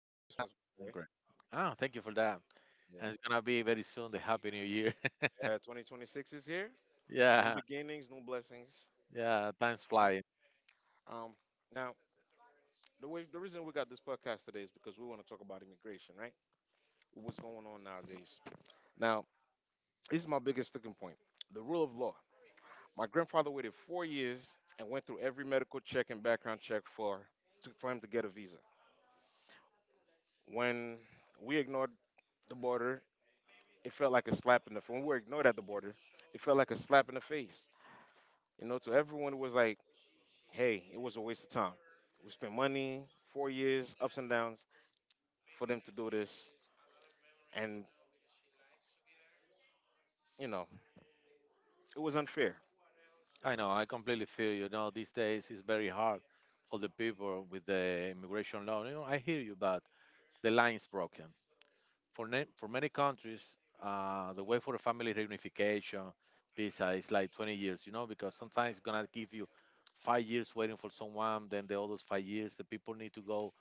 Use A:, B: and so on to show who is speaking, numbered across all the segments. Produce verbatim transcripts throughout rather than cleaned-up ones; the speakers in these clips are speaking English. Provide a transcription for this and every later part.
A: Merry Christmas, by
B: I'm
A: the way.
B: great. Ah, thank you for that. And it's gonna be very soon the Happy New Year.
A: Yeah. Uh, twenty twenty-six is here. New
B: yeah,
A: beginnings, new blessings.
B: yeah, time's
A: Right?
B: flying.
A: Um, now, the way, the reason we got this podcast today is because we want to talk about immigration, right? What's going on nowadays? Now, this is my biggest sticking point: the rule of law. My grandfather waited four years and went through every medical check and background check for to, for him to get a visa. When we ignored the border, it felt like a slap in the. Face. When we were ignored at the border, it felt like a slap in the face. You know, to everyone it was like, hey, it was a waste of time. We spent money, four years, ups and downs, for them to do this. And, you know, it was unfair.
B: I know, I completely feel you. Know, these days it's very hard for the people with the immigration law. You know, I hear you, but the line's broken. For, na- for many countries, uh, the way for a family reunification visa is like twenty years, you know, because sometimes it's gonna give you five years waiting for someone, then the others five years, the people need to go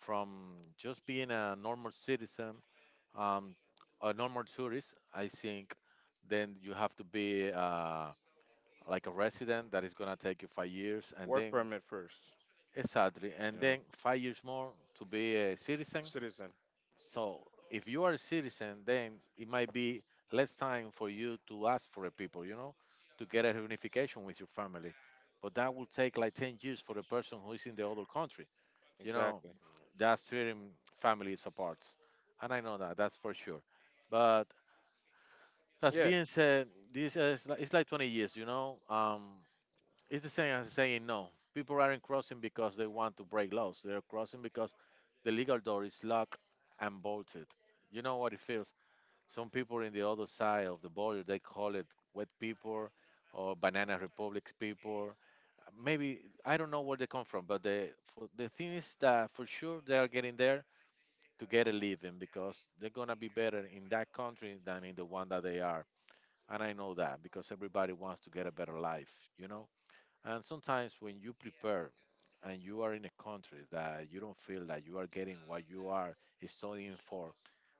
B: from just being a normal citizen, um, a normal tourist, I think then you have to be uh, like a resident that is gonna take you five years, and
A: Work
B: then
A: permit first,
B: exactly,
A: you
B: and
A: know,
B: then five years more to be a citizen.
A: citizen.
B: So if you are a citizen, then it might be less time for you to ask for a people, you know, to get a reunification with your family. But that will take like ten years for a person who is in the other country. You know,
A: Exactly.
B: that's tearing families apart. And I know that, that's for sure. But as
A: Yeah,
B: being said, this is li- it's like twenty years, you know? Um, it's the same as saying no. People aren't crossing because they want to break laws. They're crossing because the legal door is locked and bolted. You know what it feels? Some people in the other side of the border, they call it wet people or banana republics people. Maybe, I don't know where they come from, but the for, the thing is that for sure they are getting there to get a living because they're gonna be better in that country than in the one that they are. And I know that because everybody wants to get a better life, you know? And sometimes when you prepare and you are in a country that you don't feel that you are getting what you are studying for,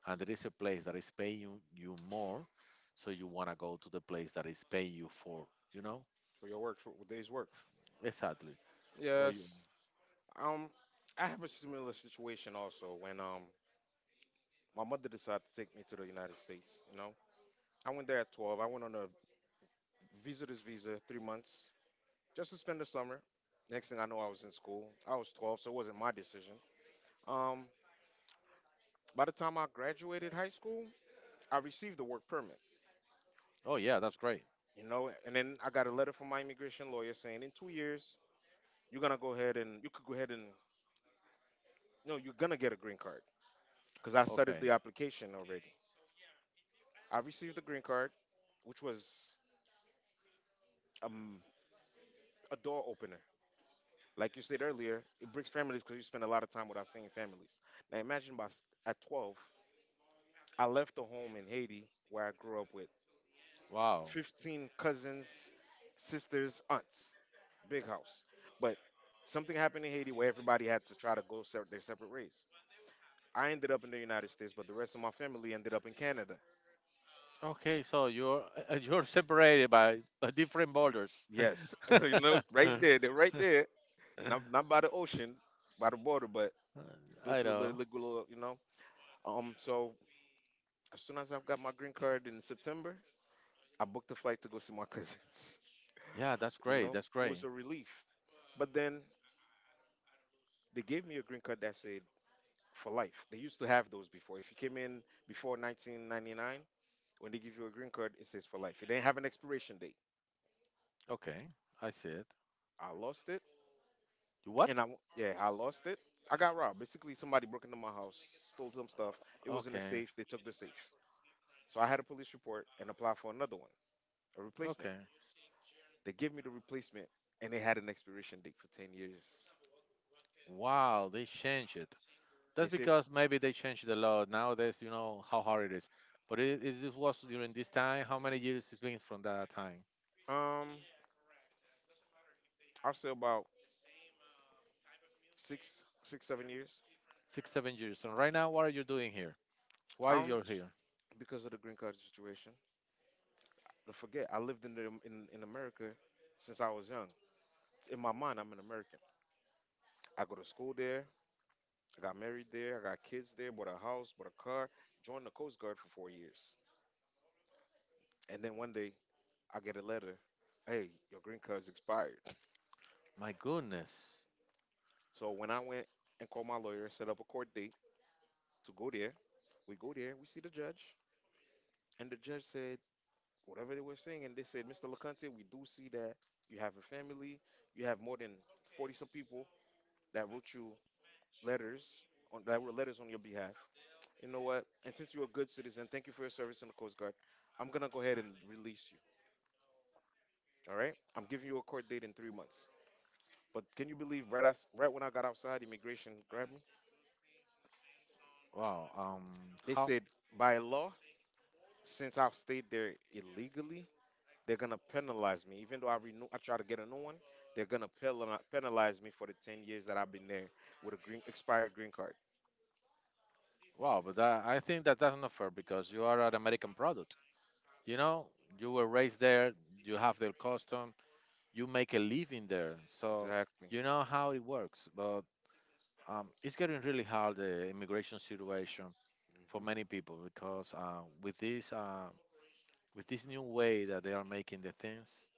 B: and there is a place that is paying you, you more, so you wanna go to the place that is paying you for, you know?
A: for your work, for day's work.
B: Exactly. Well, you,
A: Yes. Um, I have a similar situation also when um my mother decided to take me to the United States. You know, I went there at twelve. I went on a visitor's visa, three months, just to spend the summer. Next thing I know, I was in school. I was twelve, so it wasn't my decision. Um, by the time I graduated high school, I received the work permit,
B: oh yeah, that's great.
A: you know, and then I got a letter from my immigration lawyer saying in two years you're gonna go ahead and you could go ahead and no, you're gonna get a green card because I started
B: Okay.
A: the application already. I received the green card, which was um, a door opener. Like you said earlier, it breaks families because you spend a lot of time without seeing families. Now imagine by, s- at twelve, I left the home in Haiti where I grew up with
B: Wow.
A: fifteen cousins, sisters, aunts, big house. But something happened in Haiti where everybody had to try to go se- their separate ways. I ended up in the United States, but the rest of my family ended up in Canada.
B: Okay, so you're uh, you're separated by s- uh, different borders.
A: Yes, you know, right there, they're right there. Not not by the ocean, by the border, but due
B: I
A: to the
B: know.
A: illegal, you know. Um, so as soon as I got my green card in September, I booked a flight to go see my cousins.
B: Yeah, that's
A: You
B: great.
A: know,
B: That's
A: it was
B: great.
A: a relief. But then they gave me a green card that said for life. They used to have those before. If you came in before nineteen ninety-nine, when they give you a green card, it says for life. It didn't have an expiration date.
B: Okay, I see it.
A: I lost it,
B: What?
A: and I w- yeah, I lost it. I got robbed. Basically, somebody broke into my house, stole some stuff. It was in a
B: Okay,
A: safe. They took the safe. So I had a police report and applied for another one, a replacement.
B: okay.
A: They gave me the replacement, and it had an expiration date for ten years.
B: Wow, they changed it.
A: They
B: That's
A: said,
B: because maybe they changed the law nowadays. You know how hard it is. But it, it it was during this time. How many years it's been from that time?
A: um, I'll say about six, six, seven years.
B: Six, seven years. And right now, what are you doing here? Why
A: Um,
B: you're here?
A: because of the green card situation. Don't forget, I lived in the, in in America since I was young. In my mind, I'm an American. I go to school there. I got married there. I got kids there. Bought a house. Bought a car. Joined the Coast Guard for four years. And then one day I get a letter. Hey, your green card's expired.
B: My goodness.
A: So when I went and called my lawyer, set up a court date to go there. We go there. We see the judge, and the judge said whatever they were saying, and they said, mister LeConte, we do see that you have a family. You have more than forty some people that wrote you letters on that wrote letters on your behalf. You know what? And since you're a good citizen, thank you for your service in the Coast Guard. I'm gonna go ahead and release you. All right, I'm giving you a court date in three months. But can you believe right as, right when I got outside, immigration grabbed me.
B: Wow. Um.
A: They
B: How?
A: said by law, since I've stayed there illegally, they're gonna penalize me. Even though I renew, I try to get a new one, they're gonna penali- penalize me for the ten years that I've been there with a green expired green card.
B: Wow, but that, I think that that's not fair because you are an American product. You know, you were raised there, you have their custom, you make a living there, so
A: Exactly.
B: you know how it works. But um, it's getting really hard the immigration situation for
A: hmm
B: many people because uh, with this uh, with this new way that they are making the things,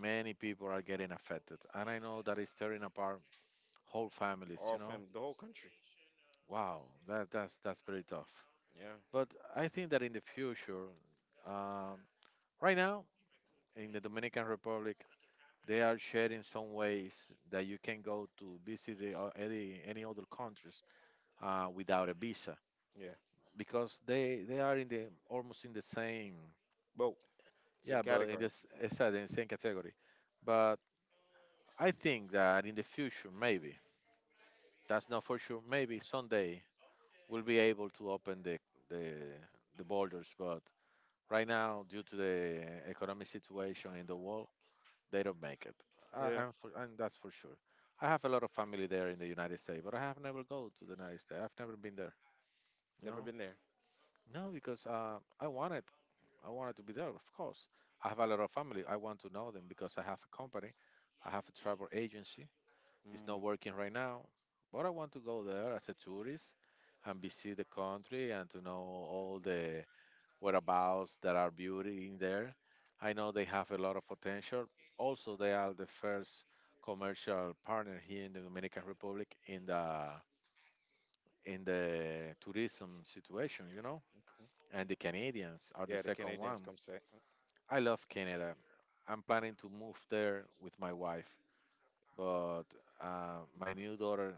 B: many people are getting affected, and I know that it's tearing apart whole families. You
A: All
B: know,
A: from the whole country.
B: wow, that that's that's pretty tough.
A: Yeah,
B: But I think that in the future. Um, Right now, in the Dominican Republic, they are sharing some ways that you can go to visit the, uh, any, any other countries uh, without a visa
A: yeah.
B: because they, they are in the almost in the same
A: Both same
B: yeah, but in
A: category.
B: this exactly in the same category. But I think that in the future, maybe that's not for sure. Maybe someday we'll be able to open the the, the borders, but right now, due to the economic situation in the world, they don't make it. I,
A: Yeah,
B: I'm for, and that's for sure. I have a lot of family there in the United States, but I have never go to the United States. I've never been there. You
A: never
B: know,
A: been there.
B: no, because uh, I wanted, I wanted to be there. Of course, I have a lot of family. I want to know them because I have a company. I have a travel agency. It's
A: Mm.
B: not working right now, but I want to go there as a tourist and visit the country and to know all the whereabouts there are beauty in there. I know they have a lot of potential. Also, they are the first commercial partner here in the Dominican Republic in the in the tourism situation, you know.
A: Okay.
B: And the Canadians are the
A: Yeah, the
B: second
A: Canadians
B: one.
A: come say.
B: I love Canada. I'm planning to move there with my wife, but uh, my new daughter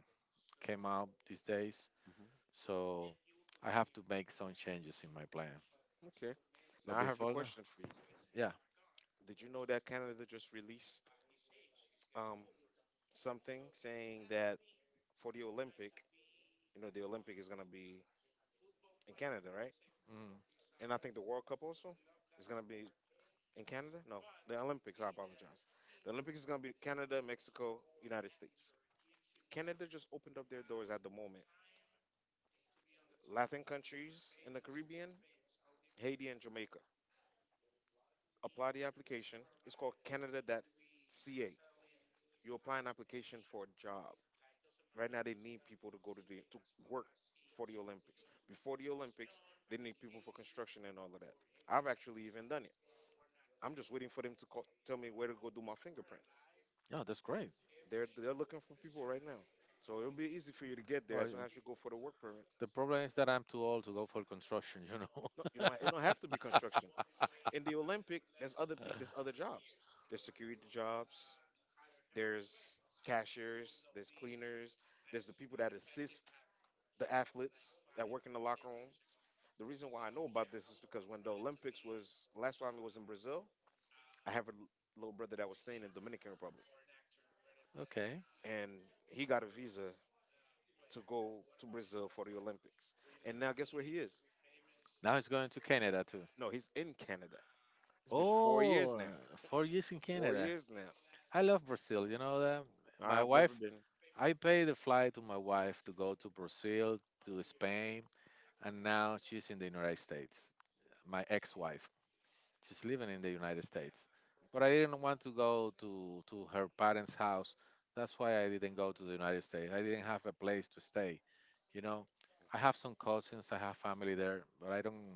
B: came out these days,
A: Mhm.
B: so I have to make some changes in my plan.
A: Okay. Now
B: But
A: I have a
B: before that,
A: question for you.
B: yeah,
A: Did you know that Canada just released um, something saying that for the Olympic, you know, the Olympic is gonna be in Canada, right?
B: mm,
A: And I think the World Cup also is gonna be in Canada. No, the Olympics. I apologize. The Olympics is gonna be Canada, Mexico, United States. Canada just opened up their doors at the moment. Latin countries in the Caribbean, Haiti and Jamaica. Apply the application. It's called Canada C A. You apply an application for a job. Right now, they need people to go to the to work for the Olympics. Before the Olympics, they need people for construction and all of that. I've actually even done it. I'm just waiting for them to call, tell me where to go do my fingerprint.
B: yeah, that's great.
A: They're they're looking for people right now, so it'll be easy for you to get there
B: Well,
A: as long as you go for the work permit.
B: the problem is that I'm too old to go for construction, you
A: No, you
B: know.
A: don't. ha- It don't have to be construction. In the Olympic, there's other pe- there's other jobs. There's security jobs. There's cashiers. There's cleaners. There's the people that assist the athletes that work in the locker room. The reason why I know about this is because when the Olympics was last time it was in Brazil, I have a l- little brother that was staying in Dominican Republic,
B: Okay.
A: and he got a visa to go to Brazil for the Olympics. And now guess where he is?
B: Now he's going to Canada too.
A: No, he's in Canada. It's been four years
B: Oh,
A: now.
B: four years in
A: Four
B: Canada.
A: years now.
B: I love Brazil. You know that my
A: I've
B: wife.
A: never been.
B: I paid the flight to my wife to go to Brazil, to Spain, and now she's in the United States. My ex-wife. She's living in the United States, but I didn't want to go to to her parents' house. That's why I didn't go to the United States. I didn't have a place to stay. You know, I have some cousins, I have family there, but I don't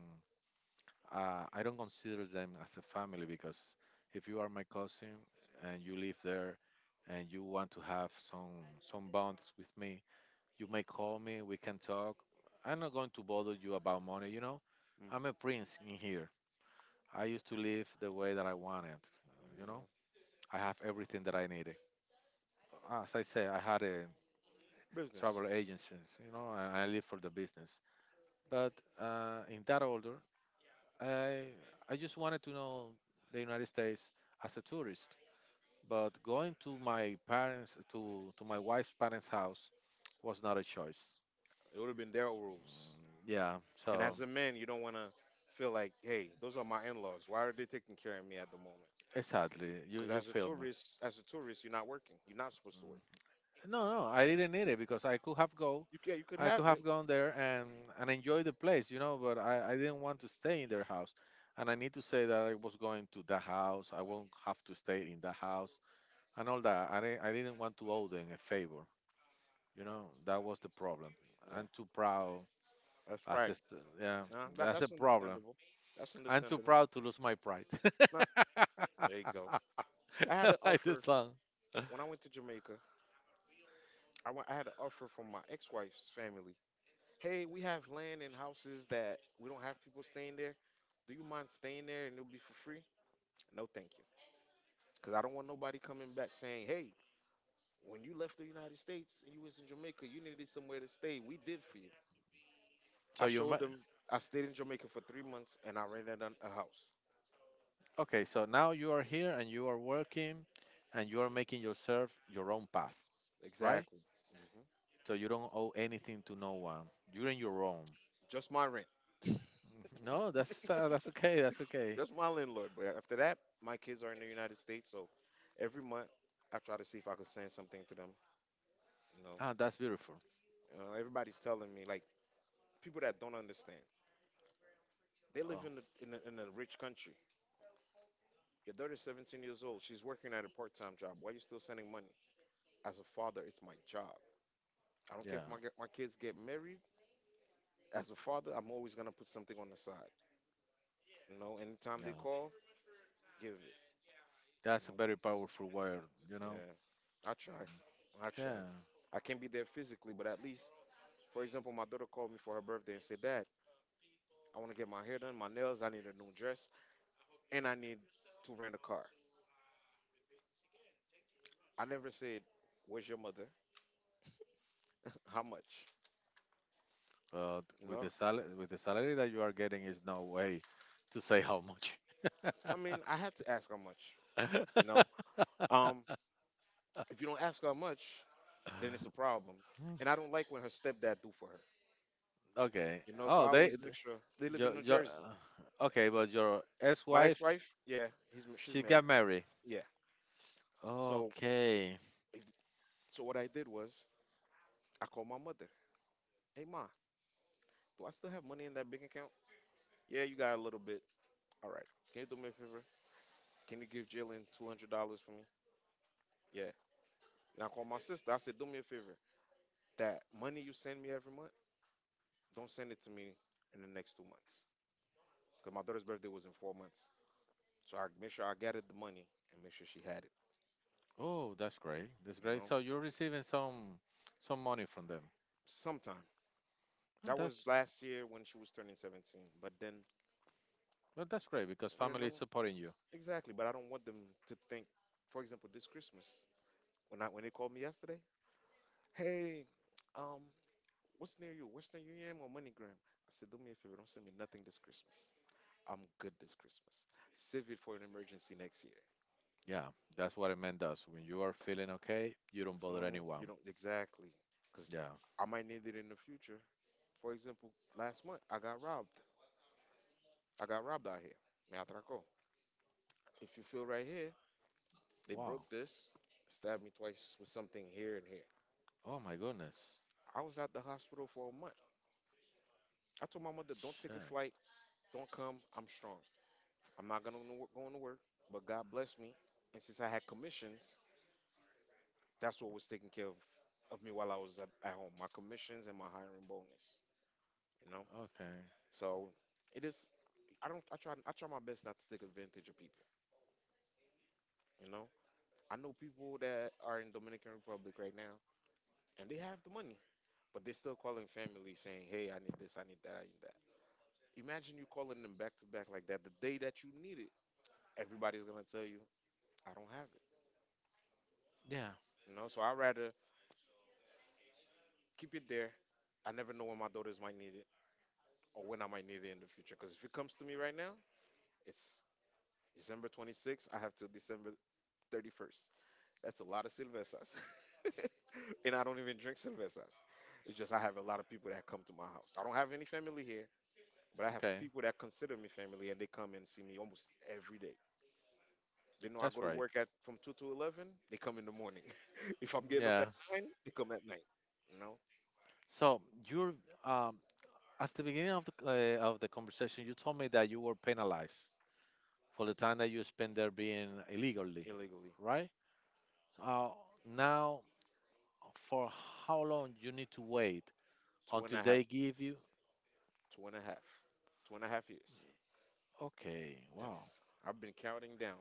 B: uh, I don't consider them as a family because if you are my cousin and you live there and you want to have some some bonds with me, you may call me, we can talk. I'm not going to bother you about money, you know.
A: Mm,
B: I'm a prince in here. I used to live the way that I wanted, uh, you know.
A: mm,
B: I have everything that I needed. As I say, I had a
A: business.
B: travel agencies, you know, and I live for the business. But uh, in that order, I I just wanted to know the United States as a tourist, but going to my parents to to my wife's parents' house was not a choice.
A: It would have been their rules.
B: Yeah,
A: And
B: so
A: as a man, you don't want to feel like, hey, those are my in-laws. Why are they taking care of me at the moment?
B: exactly, you
A: Because
B: you
A: as a
B: feel me.
A: tourist, as a tourist, you're not working. You're not supposed to work.
B: No, no, I didn't need it because I could have go,
A: You can you could
B: I
A: have
B: could have
A: it.
B: gone there and and enjoy the place, you know. But I I didn't want to stay in their house, and I need to say that I was going to the house. I won't have to stay in the house and all that. I didn't I didn't want to owe them a favor. You know, that was the problem.
A: Yeah,
B: I'm too proud.
A: that's
B: I
A: right.
B: said, yeah,
A: Nah, that,
B: that's a
A: that's
B: problem.
A: understandable. That's
B: I'm too
A: understandable.
B: proud to lose my pride.
A: Nah, there you go. I had an
B: like the
A: offer
B: song.
A: when I went to Jamaica. I went, I had an offer from my ex-wife's family. Hey, we have land and houses that we don't have people staying there. Do you mind staying there and it'll be for free? No, thank you. Because I don't want nobody coming back saying, hey, when you left the United States and you was in Jamaica, you needed somewhere to stay. We did for you.
B: So
A: I
B: you, ma-
A: showed them I stayed in Jamaica for three months and I rented an- a house.
B: okay. So now you are here and you are working, and you are making yourself your own path, right?
A: Exactly. Mhm.
B: So you don't owe anything to no one. You're in your own.
A: Just my rent.
B: No, that's uh, that's okay. That's okay.
A: Just my landlord. But after that, my kids are in the United States, so every month I try to see if I could send something to them. You know,
B: Ah, that's beautiful.
A: uh, everybody's telling me like people that don't understand. They live
B: Oh,
A: in a, in a, in a rich country. Your daughter's seventeen years old. She's working at a part-time job. Why are you still sending money? As a father, it's my job. I don't care
B: yeah,
A: if my ge- my kids get married. As a father, I'm always gonna put something on the side. You know, anytime they
B: yeah.
A: call, give it. You
B: That's a
A: know,
B: very powerful word. You know.
A: yeah. I try. I try.
B: Yeah.
A: I can't be there physically, but at least for example, my daughter called me for her birthday and said, Dad, I want to get my hair done, my nails, I need a new dress, and I need to rent a car. I never said, where's your mother? How much?
B: Uh,
A: You
B: with the
A: know?
B: sal with the salary that you are getting, is no way to say how much.
A: I mean, I had to ask how much, you know? Um, if you don't ask how much, then it's a problem. And I don't like when her stepdad do for her.
B: Okay.
A: You know, so
B: Oh,
A: I
B: they,
A: always make
B: th-
A: sure they live in
B: your
A: New
B: your
A: Jersey.
B: uh, okay, but your
A: My
B: ex-wife,
A: ex-wife, yeah, he's ma- she's
B: she got
A: married.
B: married.
A: Yeah. So
B: Okay.
A: if so what I did was I called my mother. Hey ma, do I still have money in that bank account? Yeah, you got a little bit. All right. Can you do me a favor? Can you give Jalen two hundred dollars for me? Yeah. And I called my sister. I said, do me a favor. That money you send me every month, don't send it to me in the next two months. Cause my daughter's birthday was in four months. So I make sure I gathered the money and make sure she had it.
B: Oh, that's great. That's
A: You
B: great.
A: know,
B: So you're receiving some some money from them.
A: sometime.
B: Oh,
A: That
B: that's
A: was last year when she was turning seventeen. But then,
B: well, that's great because
A: you
B: family is
A: know,
B: supporting you.
A: exactly. But I don't want them to think, for example, this Christmas when I when they called me yesterday, hey, um, what's near you? Western Union or MoneyGram? I said, do me a favor, don't send me nothing this Christmas. I'm good this Christmas. Save it for an emergency next year.
B: Yeah, that's what a man does. When you are feeling okay, you
A: You
B: don't
A: feel
B: bother
A: me? You
B: anyone.
A: don't exactly, because
B: Yeah.
A: I might need it in the future. For example, last month I got robbed. I got robbed out here. Me atracó. If you feel right here, they
B: Wow.
A: broke this, stabbed me twice with something here and here.
B: Oh my goodness.
A: I was at the hospital for a month. I told my mother, don't take a
B: Check.
A: flight, don't come. I'm strong. I'm not gonna go to work, but God bless me. And since I had commissions, that's what was taking care of, of me while I was at, at home. My commissions and my hiring bonus. You know?
B: Okay.
A: So it is, I don't I try I try my best not to take advantage of people. You know? I know people that are in Dominican Republic right now and they have the money. But they're still calling family saying, hey, I need this, I need that, I need that. Imagine you calling them back to back like that. The day that you need it, everybody's gonna tell you, I don't have it.
B: Yeah.
A: You know, so I'd rather keep it there. I never know when my daughters might need it or when I might need it in the future. Because if it comes to me right now, it's December twenty-sixth, I have till December thirty-first. That's a lot of cervezas. And I don't even drink cervezas. It's just I have a lot of people that come to my house. I don't have any family here, but I have
B: Okay.
A: people that consider me family and they come and see me almost every day. They know I
B: That's
A: go to
B: right.
A: work at from two to eleven, they come in the morning. If I'm getting off
B: Yeah.
A: at nine, they come at night. You know,
B: So you're um at the beginning of the uh, of the conversation, you told me that you were penalized for the time that you spent there being illegally,
A: illegally.
B: right? Uh, now, for how long you need to wait
A: Two and
B: until
A: a half,
B: they give you?
A: two and a half, two and a half years.
B: Okay. Wow.
A: Yes. I've been counting down.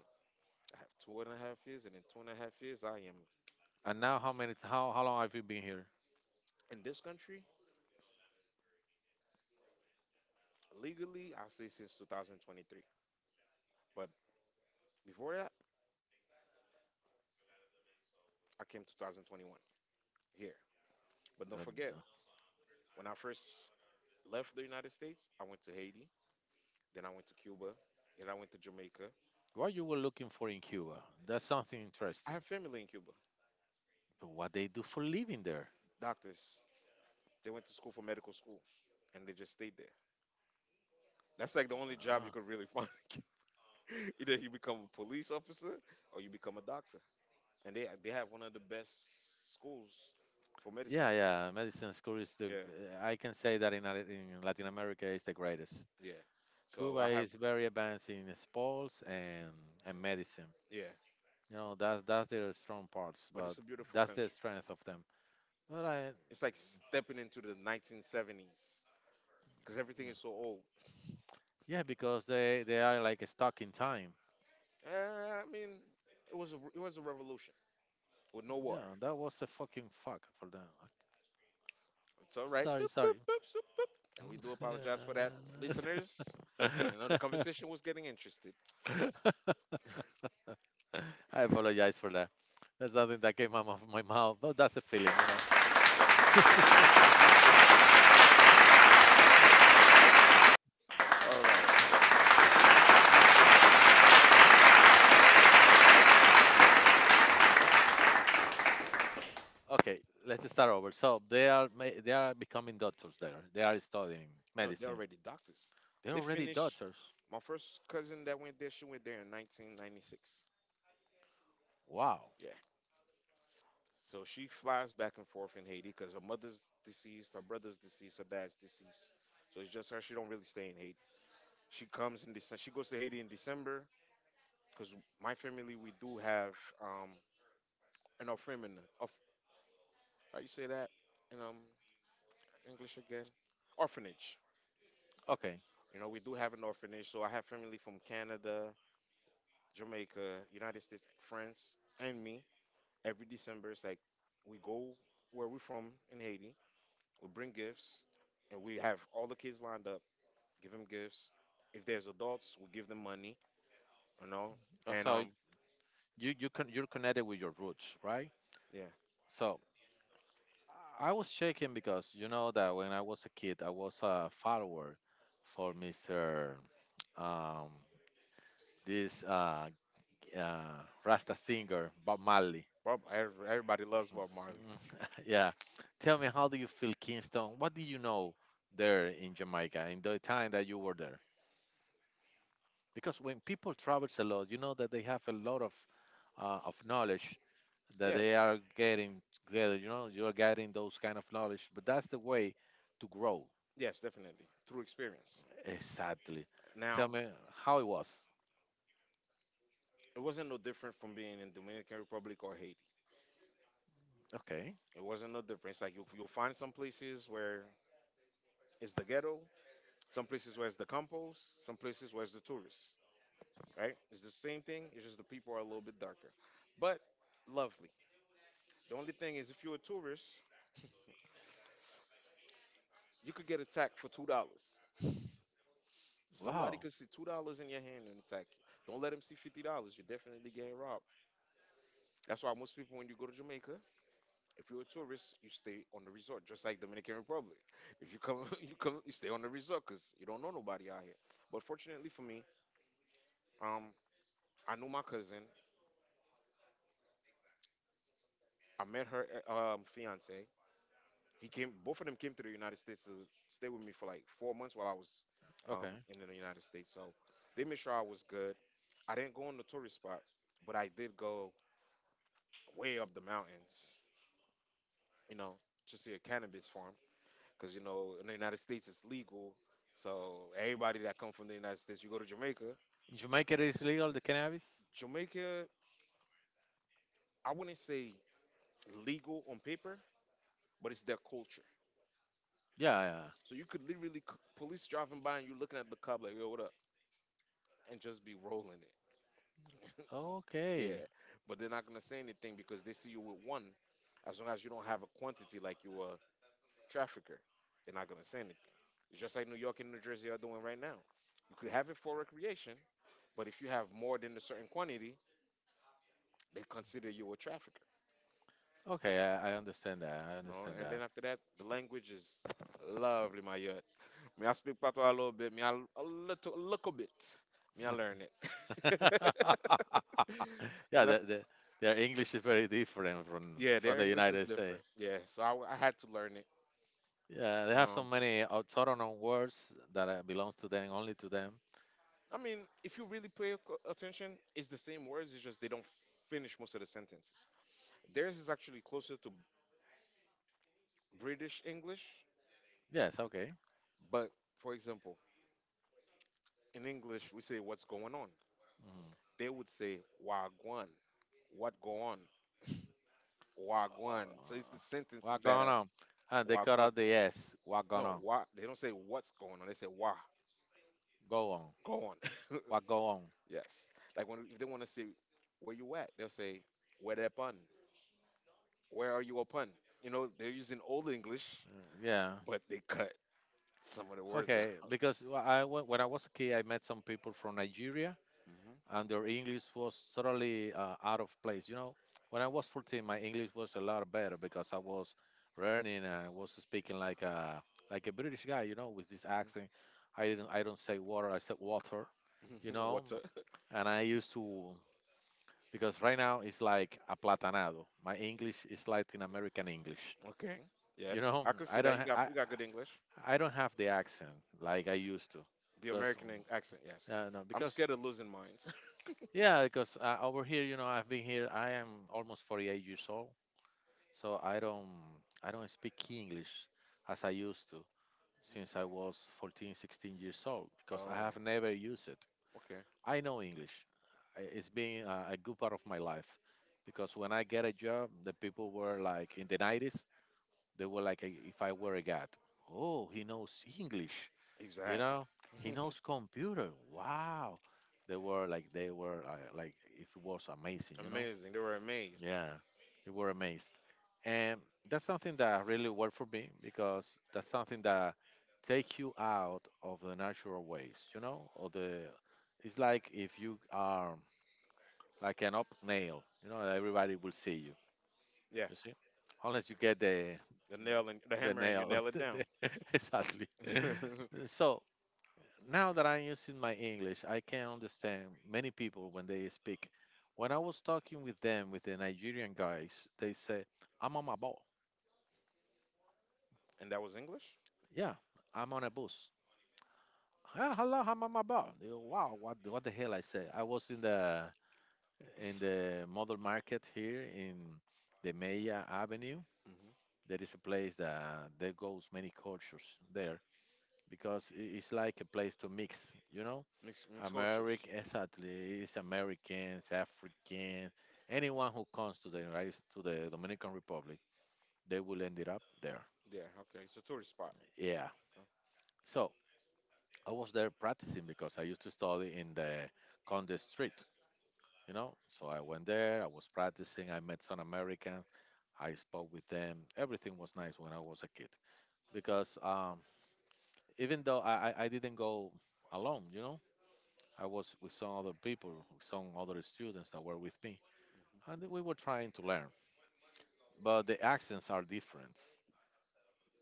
A: I have two and a half years, and in two and a half years, I am
B: And now, how many? t- How how long have you been here?
A: in this country legally. I say since two thousand twenty-three, but before that I came twenty twenty-one here. But
B: The-
A: don't forget,
B: the-
A: when I first left the United States, I went to Haiti, then I went to Cuba, then I went to Jamaica.
B: What you were looking for in Cuba? That's something
A: I
B: interesting.
A: have family in Cuba.
B: But what they do for living there?
A: Doctors. They went to school for medical school and they just stayed there. That's like the only job you
B: Ah.
A: could really find in Cuba. Either you become a police officer or you become a doctor, and they they have one of the best schools for medicine.
B: Yeah, yeah. Medicine school is the,
A: Yeah,
B: I can say that in, Lat- in Latin America is the greatest.
A: yeah, so
B: Cuba
A: I have.
B: is very advanced in sports and, and medicine.
A: Yeah,
B: You know, that's, that's their strong parts,
A: but
B: but
A: it's a beautiful
B: that's the
A: country.
B: strength of them. But I,
A: It's like stepping into the nineteen seventies because everything is so old.
B: yeah, because they, they are like stuck in time.
A: Uh, I mean, it was a, it was a revolution with no war.
B: Yeah, that was a fucking fuck for them.
A: It's all right.
B: Sorry,
A: Boop, boop,
B: sorry.
A: boop, zoop. And we do apologize for that, listeners. You know, the conversation was getting interested.
B: I apologize for that. That's something that came out of my mouth, but that's a feeling, you know.
A: All right.
B: Okay, let's start over. So they are ma- they are becoming doctors there. They are studying
A: No, they're
B: medicine.
A: already doctors.
B: They're
A: They
B: already
A: finished.
B: doctors.
A: My first cousin that went there, she went there in nineteen ninety-six.
B: Wow.
A: Yeah. So she flies back and forth in Haiti because her mother's deceased, her brother's deceased, her dad's deceased. So it's just her. She don't really stay in Haiti. She comes in December. She goes to Haiti in December because my family we do have um an orphanage. Of how you say that in, um English again? Orphanage.
B: Okay.
A: You know, we do have an orphanage. So I have family from Canada, Jamaica, United States, France, and me. Every December it's like we go where we're from in Haiti. We bring gifts, and we have all the kids lined up. Give them gifts. If there's adults, we give them money. You know,
B: Uh,
A: and
B: So
A: um
B: you you can you're connected with your roots, right?
A: yeah.
B: So I was shaking because you know that when I was a kid, I was a follower for mister Um, this uh, uh, Rasta singer Bob Marley.
A: Bob, every- everybody loves Bob Marley.
B: Mm, yeah. Tell me, how do you feel, Kingston? What do you know there in Jamaica in the time that you were, because when people travels a lot, you know that they have a lot of uh, of knowledge that they
A: Yes,
B: are getting together. You know, you are getting those kind of knowledge, but that's the way to grow.
A: yes, definitely. Through experience.
B: Exactly. Tell
A: Now,
B: me how it was.
A: it wasn't no different from being in Dominican Republic or Haiti.
B: Okay.
A: It wasn't no different. It's like you, you'll find some places where it's the ghetto, some places where it's the campos, some places where it's the tourists, right? It's the same thing, it's just the people are a little bit darker. But lovely. The only thing is, if you're a tourist, you could get attacked for two dollars. Somebody
B: Wow.
A: could see two dollars in your hand and attack you. Don't let them see fifty dollars. You're definitely getting robbed. That's why most people, when you go to Jamaica, if you're a tourist, you stay on the resort, just like Dominican Republic. If you come, you come, you stay on the resort because you don't know nobody out here. But fortunately for me, um, I knew my cousin. I met her uh, um, fiance. He came. Both of them came to the United States to stay with me for like four months while I was, um,
B: Okay.
A: in the United States. So they made sure I was good. I didn't go on the tourist spot, but I did go way up the mountains. You know, to see a cannabis farm because you know in the United States it's legal. So everybody that come from the United States, you go to Jamaica.
B: In Jamaica, it is legal the cannabis.
A: Jamaica, I wouldn't say legal on paper, but it's their culture.
B: Yeah, yeah.
A: So you could literally c- police driving by and you looking at the cop like, yo, what up, and just be rolling it. Yeah,
B: Okay.
A: but they're not gonna say anything because they see you with one. As long as you don't have a quantity like you a trafficker, they're not gonna say anything. It's just like New York and New Jersey are doing right now. You could have it for recreation, but if you have more than a certain quantity, they consider you a trafficker,
B: Okay. I, I understand that. I
A: you know.
B: understand
A: And then
B: that.
A: after that, the language is lovely, my yet. Me, I speak patois a little bit. Me, I, a little, a little bit. Me, I learn it.
B: Yeah.
A: and
B: The,
A: that's,
B: the, their English is very different from
A: yeah,
B: from
A: their
B: the
A: English is
B: United States.
A: different. Yeah, so I, w- I had to learn it.
B: Yeah, they have so
A: Um,
B: many autonomous words that uh, belongs to them, only to them.
A: I mean, if you really pay cl- attention, it's the same words. It's just they don't finish most of the sentences. Theirs is actually closer to British English,
B: Yes, okay.
A: but for example, in English we say "What's going on."
B: Mm.
A: They would say "Wagwan." What go on,
B: Uh,
A: wagwan. So it's the sentences
B: what
A: that
B: going
A: are
B: on? Uh, they cut
A: wagwan.
B: out the S. What going
A: No,
B: on?
A: wa. They don't say what's going on. They say wa
B: Go on.
A: go on.
B: What go on?
A: Yes. Like when if they want to say where you at, they'll say where that pun. Where are you upon? You know they're using old English,
B: Yeah.
A: but they cut some of the words
B: Okay.
A: out.
B: Because wh- I wa- when I was a kid, I met some people from Nigeria, and their English was totally uh, out of place. You know, when I was fourteen, my English was a lot better because I was learning and I was speaking like a like a British guy. You know, with this accent,
A: Hmm.
B: I didn't I don't say water, I said water.
A: Hmm.
B: You know,
A: Water.
B: and I used to, because right now it's like aplatanado. My English is Latin American English.
A: Okay. Yes,
B: You know,
A: I could see
B: I
A: that.
B: don't
A: You
B: ha-
A: got
B: I
A: you got good English.
B: I don't have the accent like I used to,
A: The
B: because
A: American
B: um,
A: en- accent. Yes.
B: yeah, no,
A: I'm
B: because
A: scared of losing mines.
B: yeah, because uh, over here, you know, I've been here. I am almost forty-eight years old, so I don't I don't speak English as I used to since I was fourteen, sixteen years old because I
A: Oh.
B: have never used it.
A: Okay.
B: I know English. I- It's been a, a good part of my life, because when I get a job, the people were like in the nineties, they were like, "I- if I were a god. Oh, he knows English. You
A: Exactly.
B: know, he knows computer. Wow." They were like they were uh, like if it was amazing, you know.
A: Amazing. They were amazed.
B: Yeah, they were amazed. And that's something that really worked for me, because that's something that takes you out of the natural ways, you know, or the it's like if you are like an up nail, you know, everybody will see you,
A: Yeah.
B: you see? Unless you get the
A: The nail and the
B: the
A: hammer and you
B: nail.
A: nail it down.
B: the- exactly.
A: And
B: So now that I'm using my English, I can understand many people when they speak. When I was talking with them, with the Nigerian guys, they say, I'm on my
A: that was English?
B: yeah, I'm on a bus. "Ah, hello, how am I about?" They go, wow, what what the hell I say? I was in the in the model market here in the Maya Avenue.
A: Hmm.
B: There is a place that there goes many cultures there, because i- it's like a place to mix, you know?
A: Mixed mixed cultures.
B: American, exactly. It's Americans, African, anyone who comes to the United to the Dominican Republic, they will end it up there.
A: Yeah, okay. It's a tourist spot.
B: Yeah. So I was there practicing because I used to study in the Conde Street, you know. So I went there, I was practicing, I met some Americans, I spoke with them. Everything was nice when I was a kid, because um, even though I, I I didn't go alone, you know, I was with some other people, with some other students that were with me, and we were trying to learn. But the accents are different.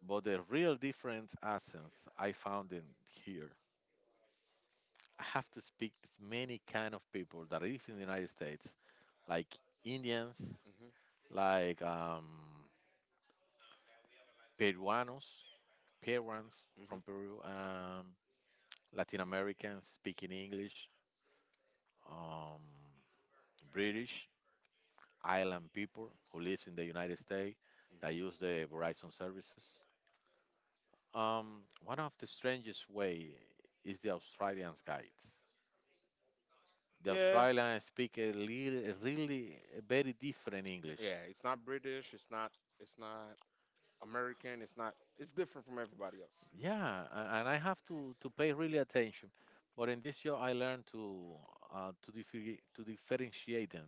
B: But the real different accents I found in here. I have to speak with many kind of people that live in the United States, like Indians,
A: Mm-hmm.
B: like um, Peruanos, Peruans
A: Mm-hmm.
B: from Peru, um, Latin Americans speaking English, um, British, island people who lives in the United States that
A: Mm-hmm.
B: use the Verizon services. Um, one of the strangest way is the Australians guides. The
A: Yeah.
B: Australians speak a little, a really a very different English.
A: Yeah. It's not British, it's not it's not American, it's not, it's different from everybody else.
B: Yeah, a- and I have to, to pay really attention. But in this show, I learned to uh, to differi- to differentiate them.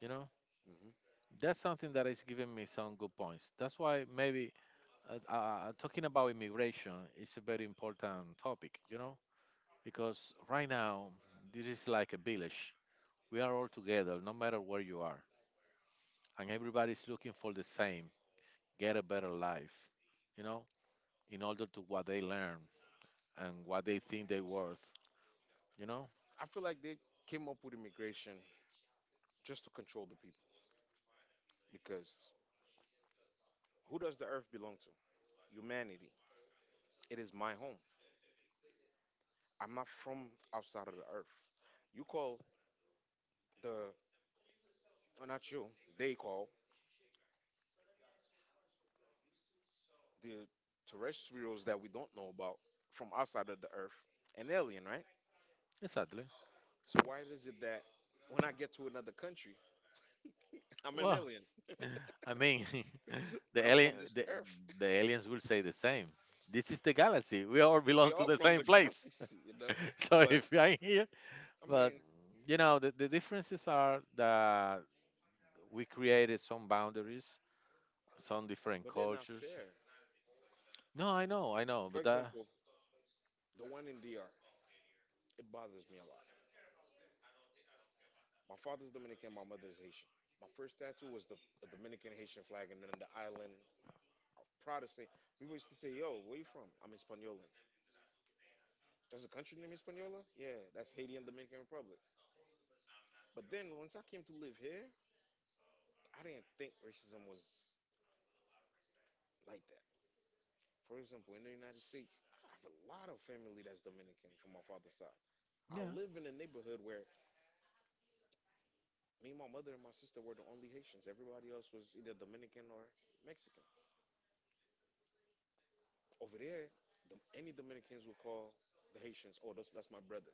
B: You know,
A: Hmm.
B: that's something that is giving me some good points. That's why maybe uh, uh, talking about immigration is a very important topic. You know, because right now this is like a village. We are all together, no matter where you are, and everybody's looking for the same: get a better life. You know, in order to what they learn and what they think they're worth. You know.
A: I feel like they came up with immigration just to control the people because who does the earth belong to? Humanity. It is my home. I'm not from outside of the earth. You call the, or not you. They call the terrestrials that we don't know about from outside of the Earth an alien, right?
B: Exactly.
A: So why is it that when I get to another country, I'm an
B: Well,
A: alien,
B: I mean,
A: but
B: the
A: I'm
B: alien,
A: from this
B: the,
A: Earth?
B: the aliens will say the same. This is the galaxy. We all
A: We
B: belong to
A: all
B: the
A: from
B: same
A: the
B: place.
A: galaxy, you know.
B: So
A: But
B: if we are here,
A: I
B: but
A: mean,
B: you know, the, the differences are that we created some boundaries, some different
A: but they're not
B: cultures.
A: fair.
B: No, I know, I know,
A: For
B: but that,
A: example, the one in D R, it bothers me a lot. My father's Dominican, my mother's Haitian. My first tattoo was the a Dominican Haitian flag, and then the island of Protestant. People used to say, "Yo, where you from?" I'm Hispaniolan. There's a country named Hispaniola? Yeah, that's Haiti and Dominican Republic. But then once I came to live here, I didn't think racism was like that. For example, in the United States, I have a lot of family that's Dominican from my father's side. I
B: yeah,
A: live in a neighborhood where me, my mother, and my sister were the only Haitians. Everybody else was either Dominican or Mexican. Over there, the, any Dominicans would call the Haitians, oh, that's, that's my brother.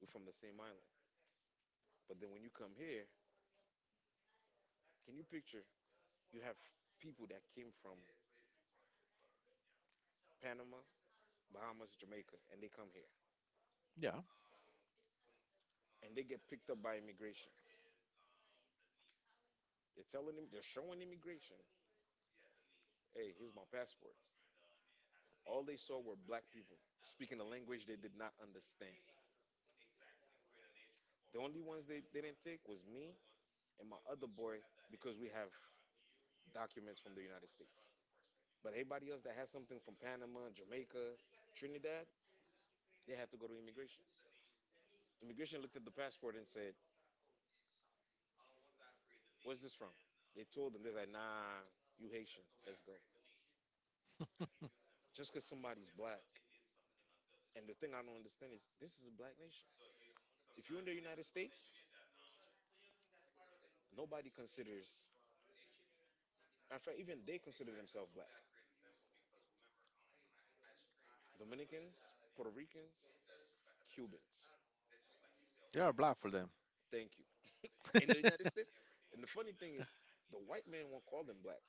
A: We're from the same island. But then when you come here, can you picture you have people that came from Panama, Bahamas, Jamaica, and they come here
B: yeah,
A: and they get picked up by immigration. They're telling them, they're showing immigration, hey, here's my passport. All they saw were black people speaking a language they did not understand. The only ones they, they didn't take was me and my other boy because we have documents from the United States. But everybody else that has something from Panama, Jamaica, Trinidad, they had to go to immigration. Immigration looked at the passport and said, "Where's this from?" They told them, they're like, "Nah, you Haitian, let's go." Just because somebody's black. And the thing I don't understand is this is a black nation. If you're in the United States, nobody considers, in fact, even they consider themselves black. Dominicans, Puerto Ricans, Cubans.
B: they are black for them.
A: Thank you. In the United States. And the funny thing is, the white man won't call them black.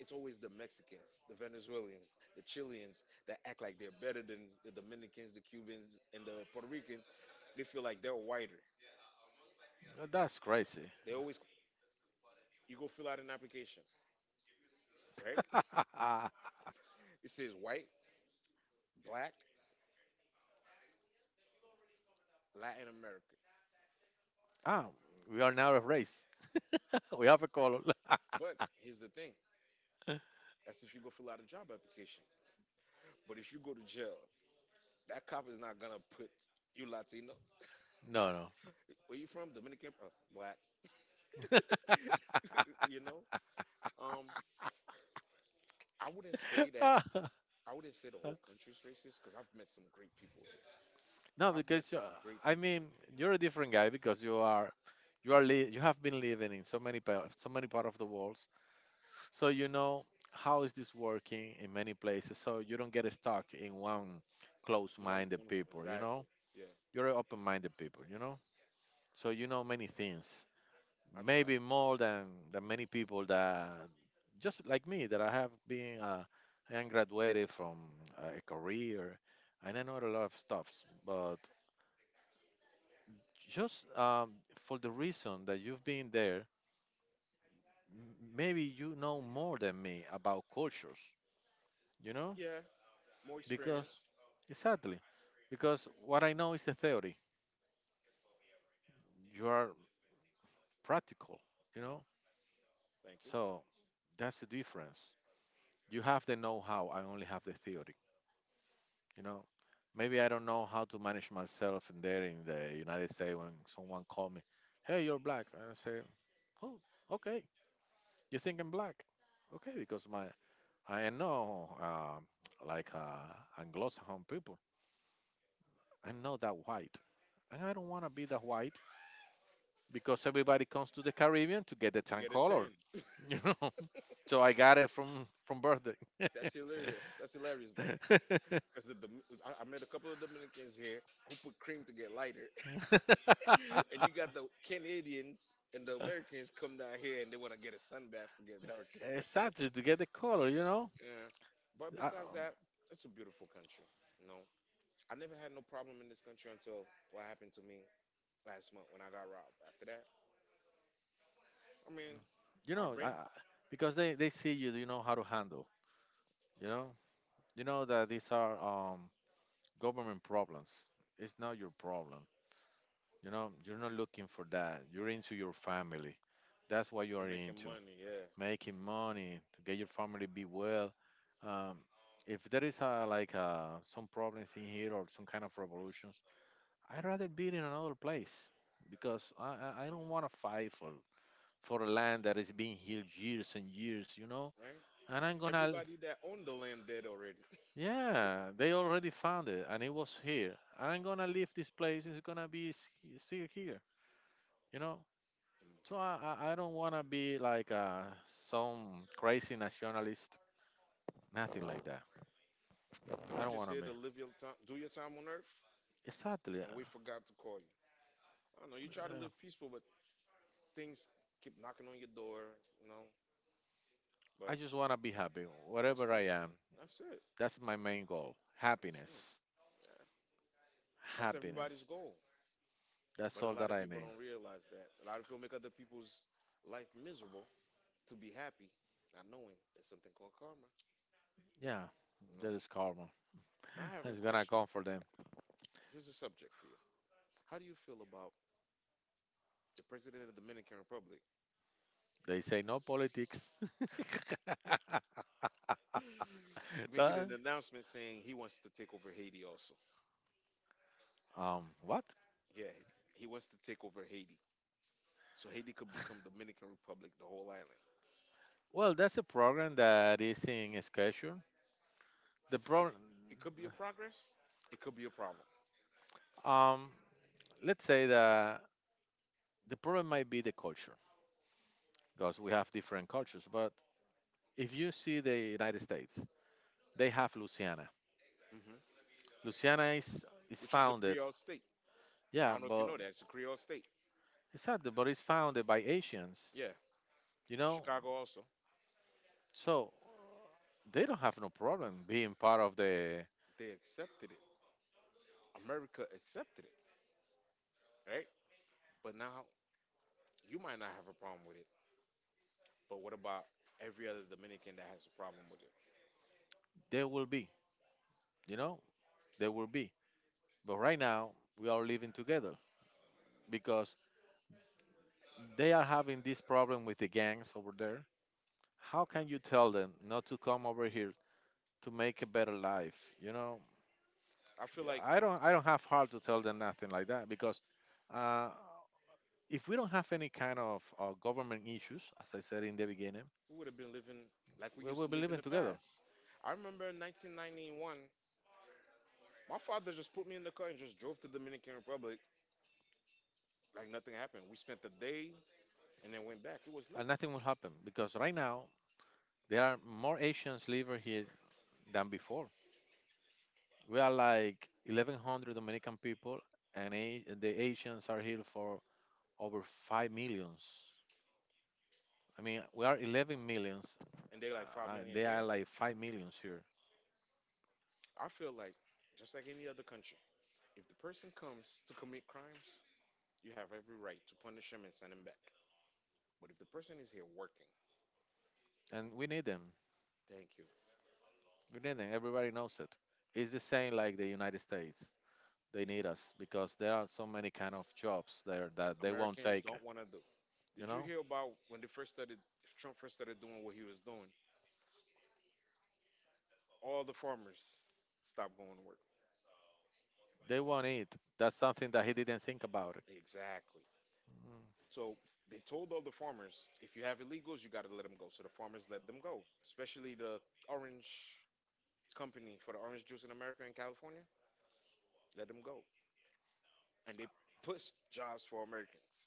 A: It's always the Mexicans, the Venezuelans, the Chileans that act like they're better than the Dominicans, the Cubans, and the Puerto Ricans. They feel like they're whiter.
B: That's crazy.
A: They always, you go fill out an application, right?
B: Ah,
A: It says white, black, Latin American.
B: we are now a race. We have a color.
A: But here's the thing,
B: No,
A: that's if you go fill out a job application. But if you go to jail, that cop is not gonna put you Latino.
B: no.
A: Where you from? Dominican? Uh, black? You know? Um, I wouldn't say that. I wouldn't say the whole country's racist because I've met some great people here.
B: No,
A: I've met
B: because uh,
A: some great
B: I
A: people.
B: mean, you're a different guy because you are you are li- you have been living in so many pa- so many part of the world, so you know how is this working in many places, so you don't get stuck in one
A: In one
B: close-minded
A: point,
B: people. You know,
A: exactly. Yeah,
B: you're an open-minded people. You know, so you know many things,
A: I tried.
B: maybe more than than many people that just like me that I have been. Uh, I am graduated from uh, a career, and I know a lot of stuffs, but just um, for the reason that you've been there, m- maybe you know more than me about cultures, you know?
A: Yeah, more
B: Because,
A: experience.
B: exactly, because what I know is the theory. You are practical, you know?
A: Thank you.
B: So that's the difference. You have the know how, I only have the theory, you know? Maybe I don't know how to manage myself in there in the United States when someone call me, hey, you're black. And I say, oh, okay. You think I'm black? Okay, because my I know, um, like uh, Anglo-Saxon people. I'm not that white, and I don't want to be that white, because everybody comes to the Caribbean to get the
A: To
B: tan
A: get a
B: color,
A: ten.
B: you know. So I got it from from birthday.
A: That's hilarious. That's hilarious though. Because the Dom- I, I met a couple of Dominicans here who put cream to get lighter, and you got the Canadians and the Americans come down here and they want to get a sunbath to get darker.
B: Exactly, to get the color, you know.
A: Yeah. But
B: I,
A: besides that, it's a beautiful country. You know, I never had no problem in this country until what happened to me last month when I got robbed. After that, I mean,
B: you
A: I
B: know,
A: rent.
B: I- because they they see you, you know how to handle. You know, you know that these are um, government problems. It's not your problem. You know, you're not looking for that. You're into your family. That's what you are
A: And making
B: into.
A: money. Yeah.
B: Making money to get your family be well. Um, if there is a, like uh some problems in here or some kind of revolutions, I'd rather be in another place because I I I don't want to fight for for a land that has been here years and years. You know,
A: Right.
B: and I'm gonna
A: Everybody that owned the land dead already.
B: yeah, they already found it and it was here, and I'm gonna leave this place. It's gonna be s- still here. You know. So I, I I don't want to be like uh, some crazy nationalist, nothing like that. I
A: They
B: don't
A: just
B: want to
A: here
B: be.
A: to live your time, do your time on earth,
B: Exactly. uh,
A: and we forgot to call you. I don't know. You try to
B: uh,
A: live peaceful, but things keep knocking on your door. You know.
B: I
A: But
B: just want to be happy,
A: that's
B: wherever I
A: it.
B: am.
A: That's it.
B: That's my main goal.
A: Mm,
B: Happiness.
A: yeah. That's everybody's
B: Happiness.
A: goal.
B: That's
A: But a
B: all that
A: lot of
B: I
A: people
B: mean.
A: don't realize that. A lot of people make other people's life miserable to be happy, not knowing there's something called karma.
B: Yeah,
A: You know.
B: that is karma.
A: Now I have a
B: It's going to
A: question.
B: come for them.
A: Here's a subject for you. How do you feel about the president of the Dominican Republic
B: They say no politics.
A: making
B: So,
A: an announcement saying he wants to take over Haiti also?
B: um, what?
A: Yeah, he wants to take over Haiti. So Haiti could become Dominican Republic, the whole island.
B: Well, that's a program that is in schedule. The
A: It's it,
B: problem,
A: it could be a progress. It could be a problem.
B: um, let's say that the problem might be the culture, because we have different cultures, but if you see the United States, they have Louisiana.
A: Hmm.
B: Louisiana is is
A: Which is a
B: founded
A: Creole state. I
B: yeah
A: don't know if you
B: but
A: know that. It's a Creole state.
B: it's sad but it's founded by Asians,
A: Yeah.
B: you know.
A: Chicago also.
B: So they don't have no problem being part of the
A: They accepted it. America accepted it, right? But now you might not have a problem with it. But what about every other Dominican that has a problem with it?
B: they will be, you know, they will be, but right now we are living together because they are having this problem with the gangs over there. How can you tell them not to come over here to make a better life, you know?
A: I feel
B: Yeah,
A: like
B: I don't I don't have heart to tell them nothing like that because uh, if we don't have any kind of uh, government issues, as I said in the beginning,
A: we would have been living like we
B: we
A: used
B: will
A: to
B: be
A: live in
B: living
A: the
B: together
A: past. I remember in nineteen ninety-one, my father just put me in the car and just drove to Dominican Republic like nothing happened. We spent the day and then went back. It was
B: and
A: nothing.
B: nothing will happen because right now there are more Asians living here than before. We are like eleven hundred Dominican people, and a- the Asians are here for over five millions. I mean, we are eleven millions.
A: And they like five
B: Uh,
A: million
B: they are
A: here.
B: like five millions here,
A: I feel like, just like any other country, if the person comes to commit crimes, you have every right to punish him and send him back. But if the person is here working,
B: and we need them.
A: thank you.
B: We didn't. Everybody knows it. It's the same like the United States. They need us because there are so many kind of jobs there that they won't
A: Americans
B: take.
A: don't want to do.
B: You
A: Did you
B: know,
A: hear about when they first started, if Trump first started doing what he was doing, all the farmers stopped going to work?
B: they won't eat. That's something that he didn't think about.
A: Exactly. So they told all the farmers, if you have illegals, you got to let them go. So the farmers let them go, especially the orange company for the orange juice in America and California, let them go. And they pushed jobs for Americans.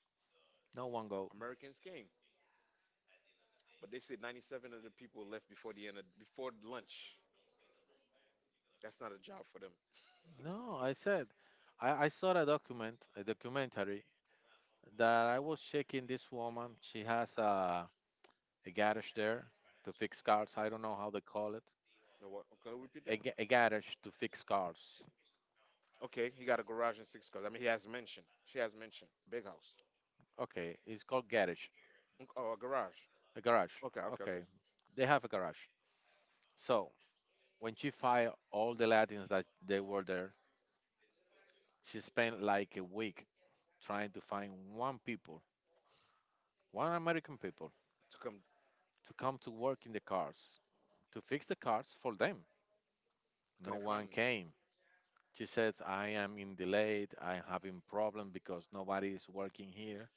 B: No one go.
A: Americans came. But they said ninety-seven of the people left before the end of before lunch. That's not a job for them.
B: No, I said, I, I saw a document, a documentary that I was checking this woman. She has a, a garage there to fix cars. I don't know how they call it.
A: No, what? Can you repeat
B: A,
A: that?
B: ga- a garage to fix cars.
A: Okay, he got a garage and six cars. I mean, he has mentioned. She has mentioned big house.
B: Okay, it's called garage.
A: Unc- Oh, a garage.
B: A garage.
A: Okay, okay, okay.
B: Okay, they have a garage. So When she fired all the Latins that they were there, she spent like a week trying to find one people, one American people,
A: To come,
B: to come to work in the cars, to fix the cars for them. No
A: couldn't find
B: one
A: them.
B: came. She says, I am in delayed, I'm having problem because nobody is working here,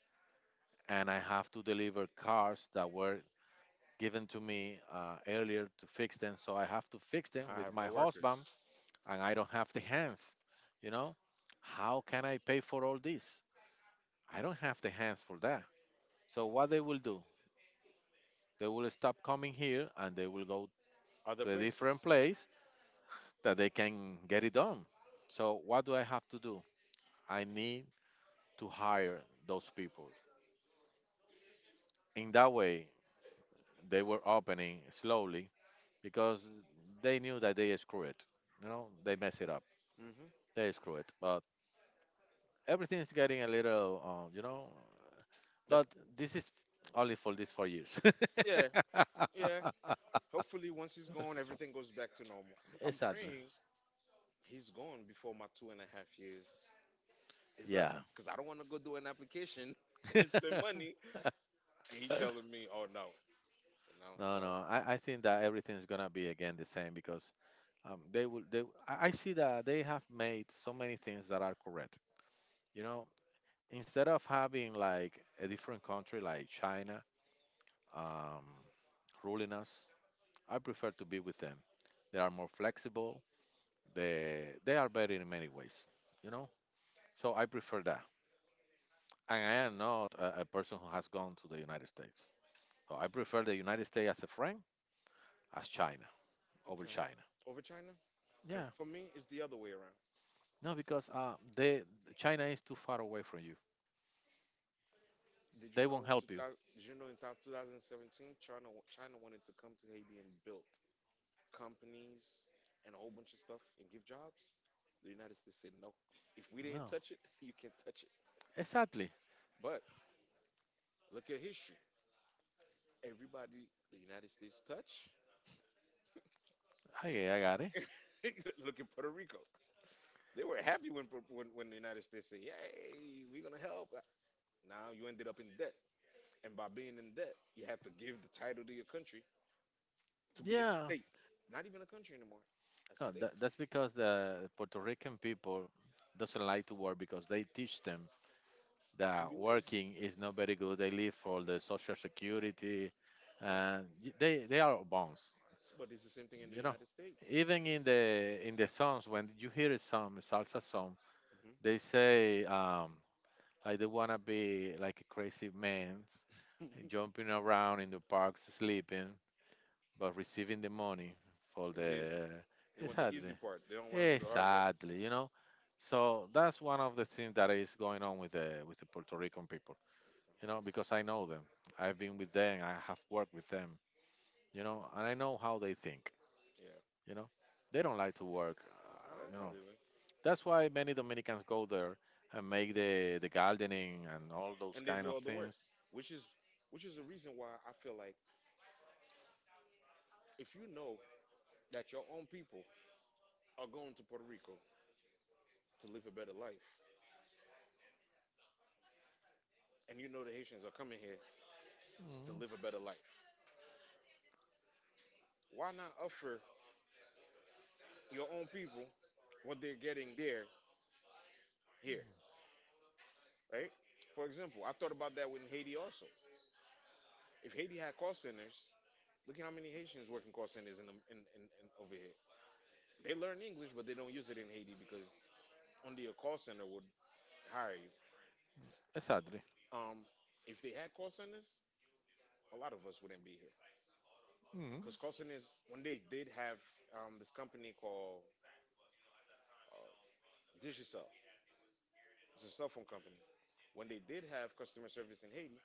B: and I have to deliver cars that were given to me uh, earlier to fix them, so I have to fix them
A: I
B: with
A: have
B: my
A: no workers.
B: husband, and I don't have the hands, you know? How can I pay for all this? I don't have the hands for that. So what they will do? They will stop coming here and they will go
A: Other
B: to a different
A: places.
B: place that they can get it done. So what do I have to do? I need to hire those people. In that way, they were opening slowly because they knew that they screw it. You know, they mess it up.
A: Hmm.
B: They screw it. But everything is getting a little, uh, you know.
A: But
B: But this is only for these four years.
A: yeah, yeah. Hopefully, once he's gone, everything goes back to normal. I'm
B: Exactly.
A: praying he's gone before my two and a half years is up,
B: Yeah.
A: cause I don't want to go do an application and spend money. And he telling me, "Oh no, they're now
B: No,
A: selling."
B: no. I, I think that everything's gonna be again the same because um, they will. They I I see that they have made so many things that are correct. You know, instead of having like a different country like China um, ruling us, I prefer to be with them. They are more flexible. They they are better in many ways. You know, so I prefer that. And I am not a, a person who has gone to the United States. So I prefer the United States as a friend as China over
A: Okay.
B: China.
A: Over China? And
B: Yeah.
A: for me, it's the other way around.
B: No, because uh, they China is too far away from you.
A: Did you
B: They
A: know
B: won't
A: in
B: help you.
A: two thousand, did you know in two thousand seventeen, China wa- China wanted to come to Haiti and build companies and a whole bunch of stuff and give jobs? The United States said no. If we
B: No,
A: didn't touch it, you can't touch it.
B: exactly.
A: But look at history. Everybody the United States touch.
B: I, I got it.
A: Look at Puerto Rico. They were happy when Pu- when, when the United States said, "Yay, we're gonna help." Now you ended up in debt. And by being in debt, you have to give the title to your country to be a
B: Yeah,
A: state. Not even a country anymore, a
B: no,
A: state
B: that, that's because the Puerto Rican people doesn't like to work because they teach them
A: to
B: that
A: be lazy.
B: working is not very good. They live for the social security,
A: Yeah.
B: and y- they they are bonds.
A: S- But it's the same thing in the
B: You know,
A: United States.
B: even in the in the songs when you hear a song, a salsa song, they
A: Hmm.
B: say um, like they wanna be like a crazy man jumping around in the parks, sleeping, but receiving the money for
A: It's easy.
B: the
A: They want the
B: exactly,
A: easy part. They don't want to do the hard work.
B: exactly. You know, so that's one of the things that is going on with the with the Puerto Rican people. You know, because I know them, I've been with them, I have worked with them. You know, and I know how they think.
A: Yeah,
B: You know, they don't like to work.
A: I
B: Uh,
A: don't
B: you
A: know
B: know,
A: really.
B: that's why many Dominicans go there and make the the gardening and all those
A: And they
B: kind
A: do
B: of
A: all the work,
B: things.
A: which is, which is the reason why I feel like if you know that your own people are going to Puerto Rico to live a better life, and you know the Haitians are coming here to
B: Mhm.
A: live a better life, why not offer your own people what they're getting there here? Right? For example, I thought about that with Haiti also. If Haiti had call centers, look at how many Haitians work in call centers in, the- in, in, in over here. They learn English, but they don't use it in Haiti because only a call center would hire you.
B: Exactly.
A: Um, if they had call centers, a lot of us wouldn't be here
B: Mhm.
A: because call centers when they did have um, this company called uh, Digicel, it's a cell phone company. When they did have customer service in Haiti,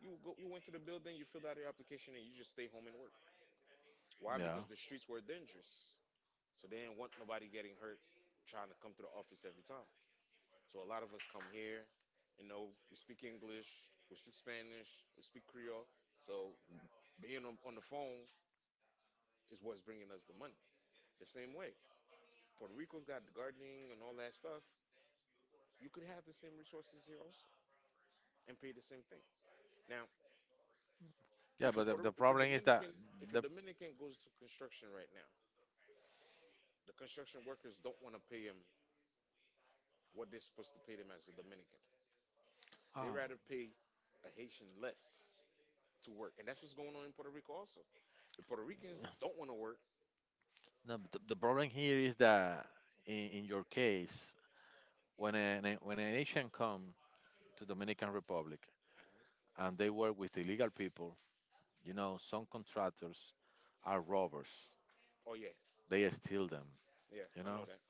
A: you go, you went to the building, you filled out your application, and you just stay home and work. Why?
B: Yeah.
A: Because the streets were dangerous. So they didn't want nobody getting hurt trying to come to the office every time. So a lot of us come here, you know, we speak English, we speak Spanish, we speak Creole. So being on, on the phone is what's bringing us the money. The same way, Puerto Rico's got the gardening and all that stuff. You could have the same resources here also and pay the same thing. Now,
B: Yeah,
A: if a
B: but the,
A: Puerto,
B: the
A: if a
B: problem is that
A: Dominican, if a
B: the
A: Dominican goes to construction right now, the construction workers don't want to pay him what they're supposed to pay them as a Dominican. They
B: oh,
A: rather pay a Haitian less to work, and that's what's going on in Puerto Rico also. The Puerto Ricans don't want to work.
B: no, but the, the problem here is that in, in your case, when an when an Asian come to Dominican Republic and they work with illegal people, you know, some contractors are robbers.
A: Oh yeah,
B: They steal them.
A: yeah,
B: You
A: I know
B: know,
A: that.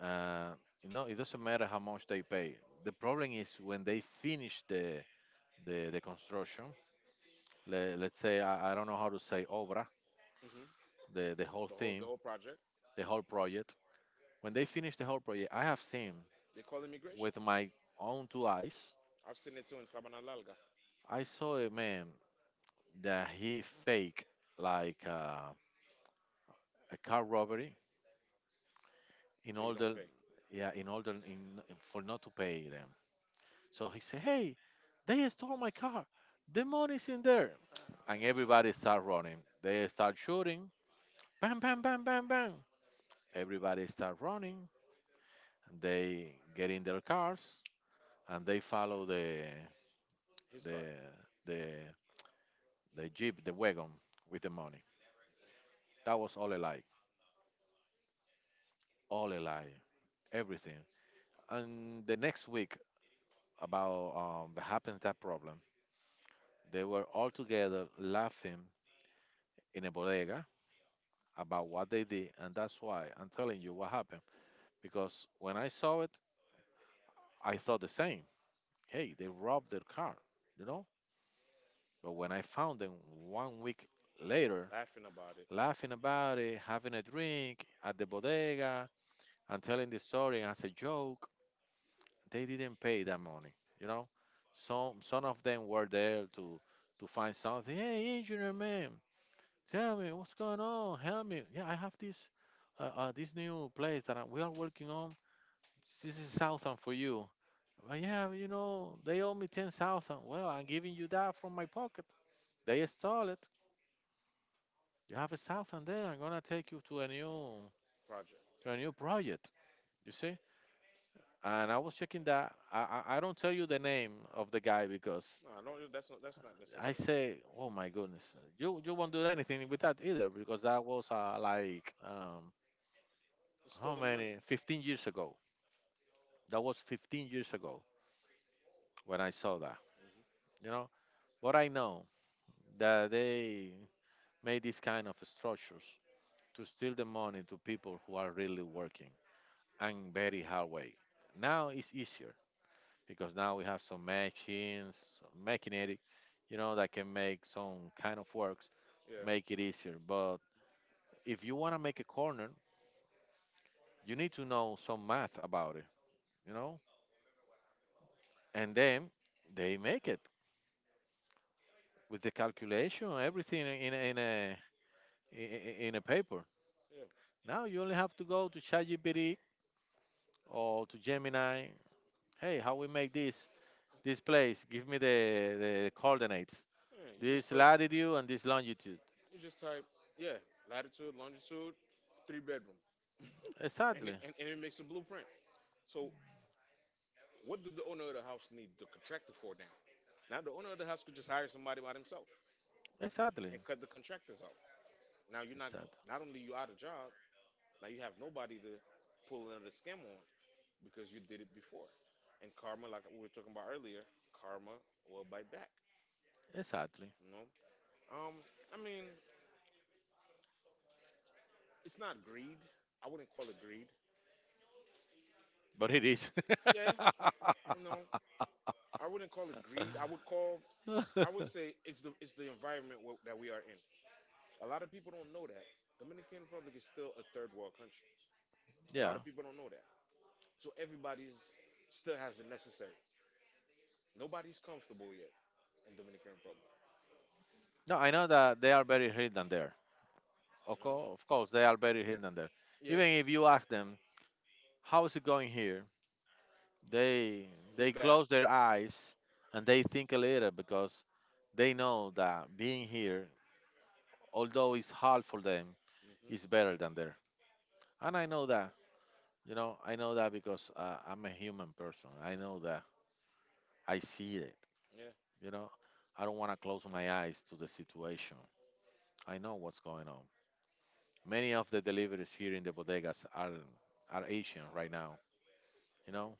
B: uh, you know, it doesn't matter how much they pay. The problem is when they finish the the, the construction. Le, let's say I, I don't know how to say obra,
A: Hmm.
B: the the whole
A: The whole, the
B: thing,
A: whole project.
B: the whole project. When they finished the whole project, I have seen
A: They call immigration.
B: with my own two eyes.
A: I've seen it too in Sabana Larga.
B: I saw a man that he fake like uh, a car robbery in
A: So he don't
B: order,
A: pay
B: yeah, in order in, for not to pay them. So he said, "Hey, they stole my car. The money's in there." And everybody start running. They start shooting. Bam, bam, bam, bam, bam. Everybody start running. They get in their cars and they follow the
A: his car,
B: the the the jeep, the wagon with the money. That was all a lie, all a lie, everything. And the next week about um, the happens that problem, they were all together laughing in a bodega about what they did, and that's why I'm telling you what happened. Because when I saw it, I thought the same. Hey, they robbed their car, you know. But when I found them one week later,
A: laughing about it.
B: laughing about it, having a drink at the bodega, and telling the story as a joke, they didn't pay that money. You know, some some of them were there to to find something. Hey, engineer man, tell me what's going on. Help me. Yeah, I have this uh, uh, this new place that I, we are working on. This is thousand for you. But yeah, you know, they owe me ten thousand. Well, I'm giving you that from my pocket. They stole it. You have a thousand there. I'm gonna take you to a new
A: Project.
B: to a new project. You see? And I was checking that. I I, I don't tell you the name of the guy because
A: No, I don't. That's not. That's not
B: I
A: necessary.
B: say, oh my goodness, you you won't do anything with that either because that was uh, like um,
A: It's
B: how
A: stolen money.
B: many fifteen years ago. That was fifteen years ago when I saw that.
A: Hmm.
B: You know, but I know that they made these kind of structures to steal the money to people who are really working and very hard way. Now it's easier because now we have some machines, some machinery, you know, that can make some kind of works,
A: Yeah,
B: make it easier. But if you want to make a corner you need to know some math about it, you know? And then they make it with the calculation, everything in a, in a i- i- in a paper.
A: yeah,
B: Now you only have to go to ChatGPT or to Gemini. Hey, how we make this this place? Give me the the coordinates.
A: yeah. You just
B: This
A: put.
B: latitude and this longitude.
A: You just type. Yeah, latitude, longitude, three bedroom, and it,
B: Exactly,
A: and, and it makes a blueprint. So what did the owner of the house need the contractor for now? Now the owner of the house could just hire somebody by himself,
B: exactly,
A: and cut the contractors out. Now you're not,
B: exactly,
A: not only you out of job, now you have nobody to pull another scam on because you did it before. And karma, like we were talking about earlier, karma will bite back.
B: exactly.
A: You know, um, I mean, it's not greed. I wouldn't call it greed.
B: But it is.
A: Yeah, you know, I wouldn't call it greed. I would call, I would say it's the it's the environment wh- that we are in. A lot of people don't know that Dominican Republic is still a third world country. A lot
B: Yeah.
A: of people don't know that. So everybody's still has the necessary. Nobody's comfortable yet in Dominican Republic.
B: No, I know that they are very hidden there.
A: You
B: Of
A: know?
B: course, of course, they are very hidden there.
A: Yeah,
B: Even if you ask them, how is it going here? They
A: it's
B: they
A: bad.
B: close their eyes and they think a little because they know that being here, although it's hard for them, is
A: Hmm.
B: better than there. And I know that, you know, I know that because uh, I'm a human person. I know that. I see it.
A: Yeah,
B: You know, I don't want to close my eyes to the situation. I know what's going on. Many of the deliveries here in the bodegas are are Asian right now. You know,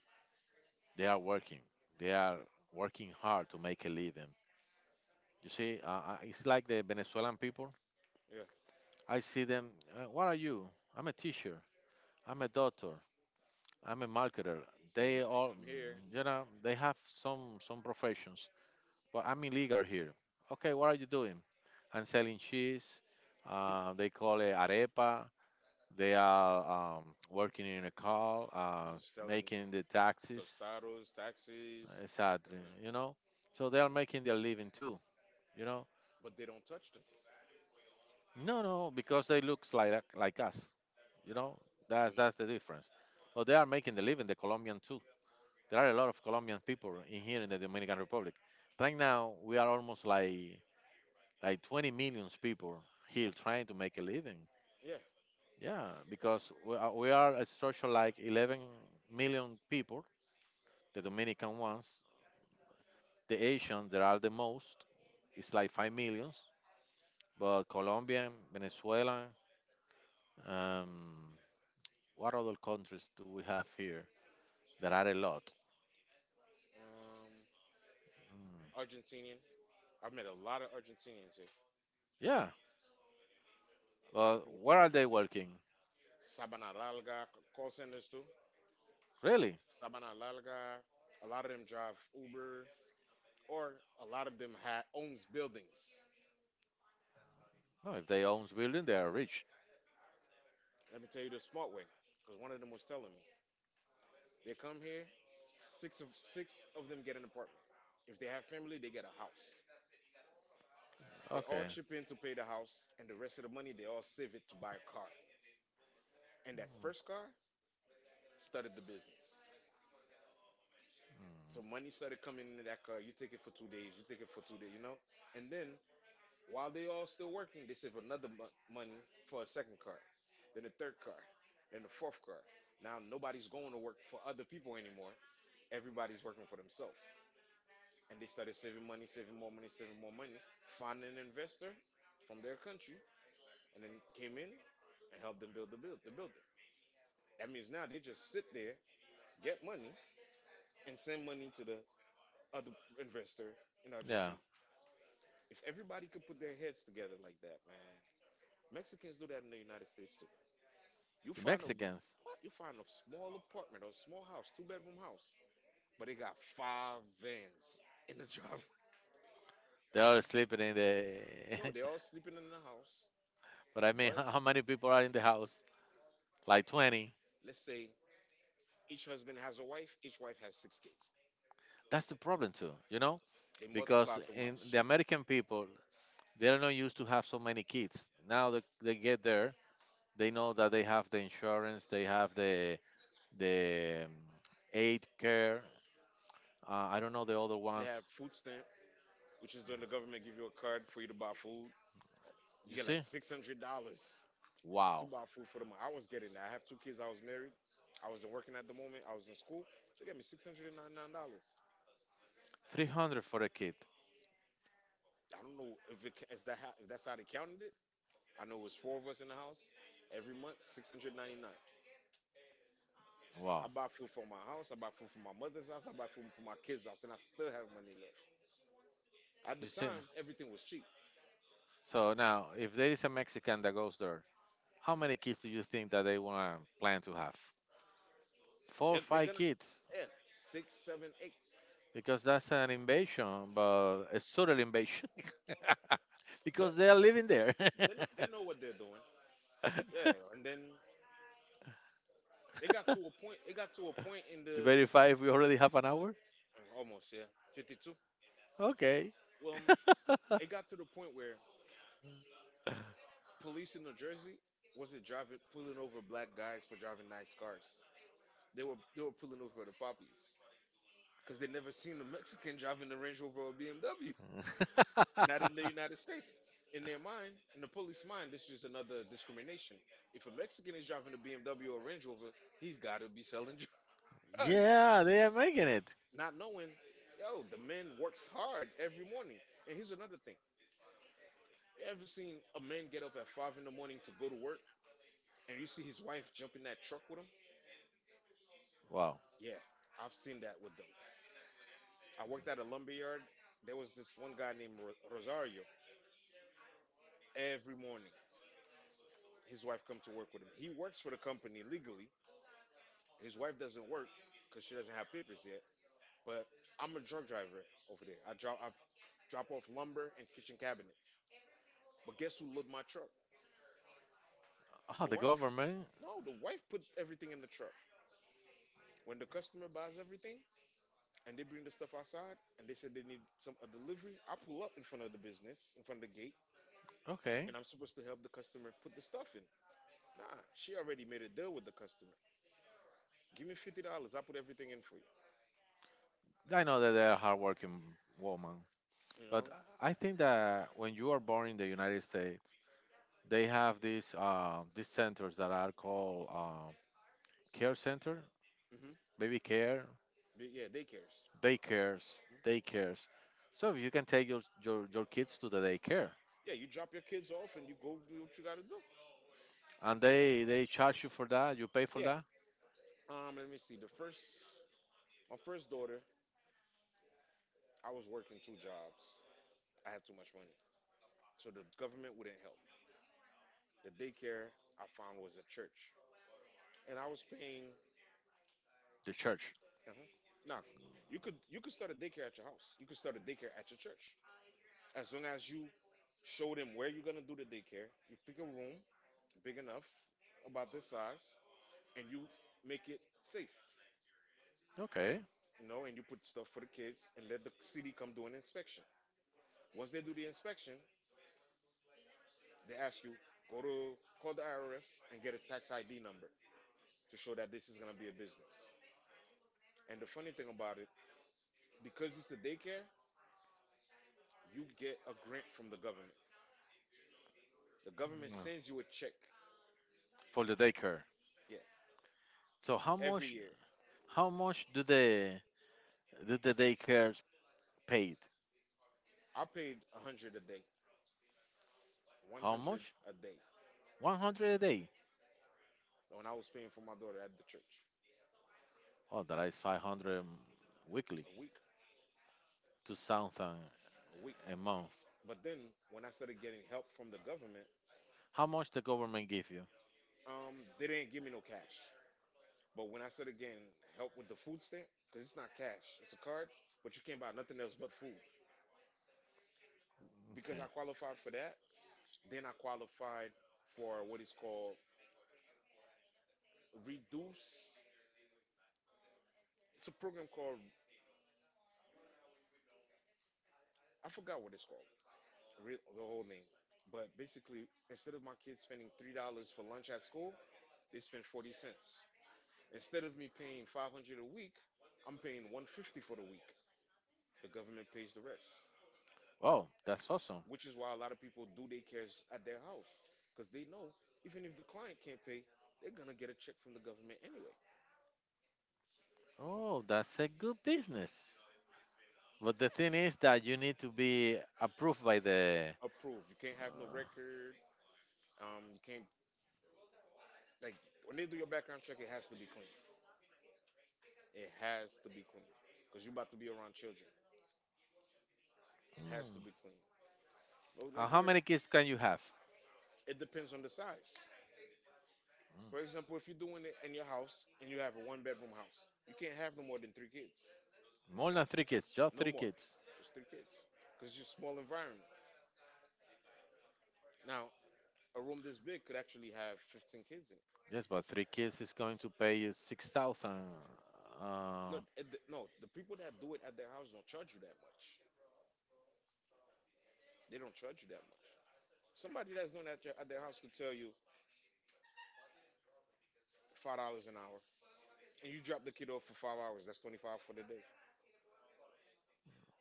B: they are working. They are working hard to make a living You see, uh, I- it's like the Venezuelan people.
A: yeah.
B: I see them. Uh, what are you? I'm a teacher. I'm a doctor. I'm a marketer.
A: But when
B: They all,
A: I'm here,
B: mm, you know, they have some some professions. But I'm illegal here. Okay, what are you doing? I'm selling cheese. Uh, they call it arepa. They are um, working in a car, uh,
A: you're selling
B: making the taxes.
A: tostados, taxis,
B: Exactly.
A: uh,
B: You know, so they are making their living too. You know,
A: but they don't touch them.
B: No, no, because they look like like us. You know,
A: You
B: that's
A: know?
B: that's the difference. But they are making the living, the Colombian too. There are a lot of Colombian people in here in the Dominican Republic. Right now, we are almost like like twenty million people here trying to make a living.
A: Yeah.
B: Yeah, because we are, we are a structure like eleven million people, the Dominican ones. The Asian, there are the most. It's like five millions. But Colombian, Venezuela, um, what other countries do we have here? There are a lot.
A: Um,
B: Mm.
A: Argentinian. I've met a lot of Argentinians here.
B: Yeah.
A: A lot of
B: Well,
A: people from
B: where are they
A: Argentina.
B: working?
A: Sabana Larga, c- call centers too.
B: Really?
A: Sabana Larga. A lot of them drive Uber, or a lot of them ha- owns buildings.
B: No, if they own building, they are rich.
A: Let me tell you the smart way, because one of them was telling me they come here. Six of six of them get an apartment. If they have family, they get a house. They all
B: Okay.
A: chip in to pay the house, and the rest of the money they all save it to buy a car. And that first car started the business. So money started coming into that car. You take it for two days. You take it for two days. You know. And then while they all still working, they save another mon- money for a second car, then a third car, then a fourth car. Now nobody's going to work for other people anymore. Everybody's working for themselves, and they started saving money, saving more money, saving more money, found an investor from their country, and then came in and helped them build the build the building. That means now they just sit there, get money, and send money to the other investor in
B: Yeah.
A: Argentina. If everybody could put their heads together like that, man, Mexicans do that in the United States too. You
B: The
A: find a
B: Mexicans,
A: what? You find a small apartment or a small house, two bedroom house, but they got five vans in the driveway.
B: they are sleeping in the.
A: No, they're all sleeping in the house,
B: but I mean,
A: but
B: how how many people are in the house? Like twenty.
A: let's say each husband has a wife. Each wife has six kids.
B: That's the problem too, you know,
A: They multiply
B: because
A: too
B: in
A: much.
B: the American people, they're not used to have so many kids. Now that they get there, they know that they have the insurance, they have the the um, aid care. Uh, I don't know the other
A: They
B: ones.
A: have food stamp, which is when the government give you a card for you to buy food. You
B: You
A: get like
B: see?
A: six hundred dollars to
B: Wow.
A: buy food for the month. I was getting that. I have two kids. I was married. I wasn't working at the moment. I was in school. So they got me six hundred and ninety nine dollars.
B: Three hundred for a kid.
A: I don't know if it is that how, if that's how they counted it. I know it was four of us in the house every month, six hundred ninety nine. I
B: Wow.
A: buy food for my house. I buy food for my mother's house. I buy food for my kids' house, and I still have money left. At the
B: You see.
A: time, everything was cheap.
B: So now, if there is a Mexican that goes there, how many kids do you think that they want to plan to have? Four,
A: They're,
B: or
A: they're
B: five
A: gonna,
B: kids,
A: yeah, six, seven, eight.
B: because that's an invasion, but a subtle invasion,
A: But
B: because they are living there.
A: they know, they know what they're doing. Yeah, and then it got to a point. It got to a point in
B: you
A: the,
B: verify if we already have an hour.
A: almost, yeah, fifty-two.
B: Okay.
A: Well, um, it got to the point where police in New Jersey was it driving, pulling over black guys for driving nice cars. They were they were pulling over the poppies because they never seen a Mexican driving the Range Rover or B M W. Not in the United States. In their mind, in the police mind, this is another discrimination. If a Mexican is driving a B M W or Range Rover, he's got to be selling drugs.
B: yeah, they are making it.
A: Not knowing, yo, the man works hard every morning. And here's another thing. You ever seen a man get up at five in the morning to go to work and you see his wife jump in that truck with him?
B: Wow.
A: Yeah, I've seen that with them. I worked at a lumber yard. There was this one guy named Ro- Rosario. Every morning, his wife come to work with him. He works for the company legally. His wife doesn't work because she doesn't have papers yet. But I'm a drug driver over there. I drop I drop off lumber and kitchen cabinets. But guess who loaded my truck?
B: Oh,
A: The
B: the
A: wife.
B: government.
A: No, the wife put everything in the truck. When the customer buys everything and they bring the stuff outside and they said they need some a delivery, I pull up in front of the business, in front of the gate,
B: Okay.
A: and I'm supposed to help the customer put the stuff in. Nah, she already made a deal with the customer. Give me fifty dollars, I put everything in for you.
B: I know that they are hardworking women.
A: You know?
B: But I think that when you are born in the United States, they have these uh, these centers that are called uh, care center,
A: Hmm.
B: baby care,
A: Yeah, daycares.
B: daycares, daycares. So you can take your, your your kids to the daycare,
A: Yeah, you drop your kids off and you go do what you gotta do.
B: and they they charge you for that. You pay for
A: Yeah.
B: that.
A: Um, let me see. The first, my first daughter, I was working two jobs. I had too much money, so the government wouldn't help. The daycare I found was a church, and I was paying.
B: The church.
A: Uh-huh. Nah, you could you could start a daycare at your house. You could start a daycare at your church, as long as you show them where you're gonna do the daycare. You pick a room big enough, about this size, and you make it safe.
B: Okay.
A: You know, and you put stuff for the kids and let the city come do an inspection. Once they do the inspection, they ask you go to call the I R S and get a tax I D number to show that this is going to be a business. And the funny thing about it, because it's a daycare, you get a grant from the government. The government
B: Mm.
A: sends you a check.
B: For the daycare.
A: Yeah,
B: So how
A: every
B: much
A: year.
B: how much do the do the daycares paid?
A: I paid one hundred a day,
B: How
A: one hundred
B: much?
A: a day
B: One hundred a day.
A: when I was paying for my daughter at the church.
B: Oh, that is five hundred weekly.
A: A week,
B: To thousand
A: a week.
B: a month.
A: But then when I started getting help from the government,
B: How much the government give you?
A: um, they didn't give me no cash. But when I said again, help with the food stamp, because it's not cash, it's a card, but you can't buy nothing else but food. Because I
B: Okay.
A: qualified for that, then I qualified for what is called Reduce. It's a program called, I forgot what it's called, re- the whole name. But basically, instead of my kids spending three dollars for lunch at school, they spend forty cents. Instead of me paying five hundred a week, I'm paying one hundred fifty for the week. The government pays the rest.
B: Oh, that's awesome.
A: Which is why a lot of people do daycares at their house because they know even if the client can't pay, they're gonna get a check from the government anyway.
B: Oh, that's a good business. But the thing is that you need to be approved by the.
A: Approved. You can't have no record. Um, you can't, like, when they do your background check, it has to be clean. It has to be clean because you're about to be around children. It has to
B: Mm.
A: be clean. But like
B: Uh, how
A: yours,
B: many kids can you have?
A: it depends on the size. For
B: Mm.
A: example, if you're doing it in your house and you have a one bedroom house, you can't have no more than three kids.
B: More than three kids. Just
A: No
B: three
A: more,
B: kids.
A: just three kids because it's a small environment. Now, a room this big could actually have fifteen kids in it.
B: Yes, but three kids is going to pay you six thousand.
A: No,
B: Uh,
A: at the, no, the people that do it at their house don't charge you that much. They don't charge you that much. Somebody that's doing that at your- at their house could tell you five dollars an hour, and you drop the kid off for five hours. That's twenty-five for the day.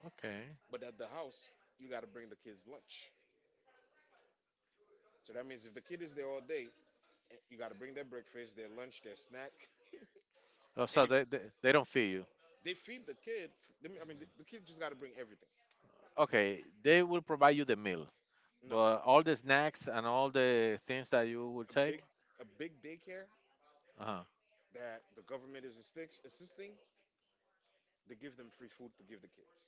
B: okay.
A: But at the house, you got to bring the kids lunch. So that means if the kid is there all day, eh, you got to bring their breakfast, their lunch, their snack,
B: Oh,
A: and
B: so
A: if
B: they, they they don't feed you.
A: they feed the kid, they- I mean, the, the kid just got to bring everything.
B: Okay, they will provide you the meal,
A: No,
B: but all the snacks and all the things that you will
A: a
B: take.
A: big a big daycare
B: Uh
A: that the government is assisting, assisting, they give them free food to give the kids.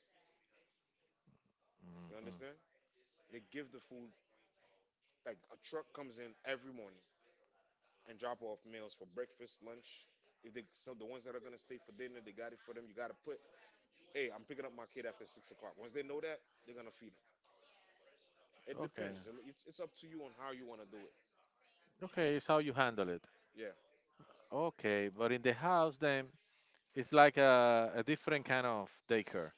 A: You
B: huh.
A: understand? They give the food, like a truck comes in every morning and drop off meals for breakfast, lunch. If they, some, the ones that are gonna stay for dinner, they got it for them. You gotta put, hey, I'm picking up my kid after six o'clock. Once they know that, they're gonna feed them. It
B: Okay.
A: depends. It- It's, it's up to you on how you wanna do it.
B: Okay, it's how you handle it.
A: Yeah.
B: Okay, but in the house then it's like a, a different kind of daycare.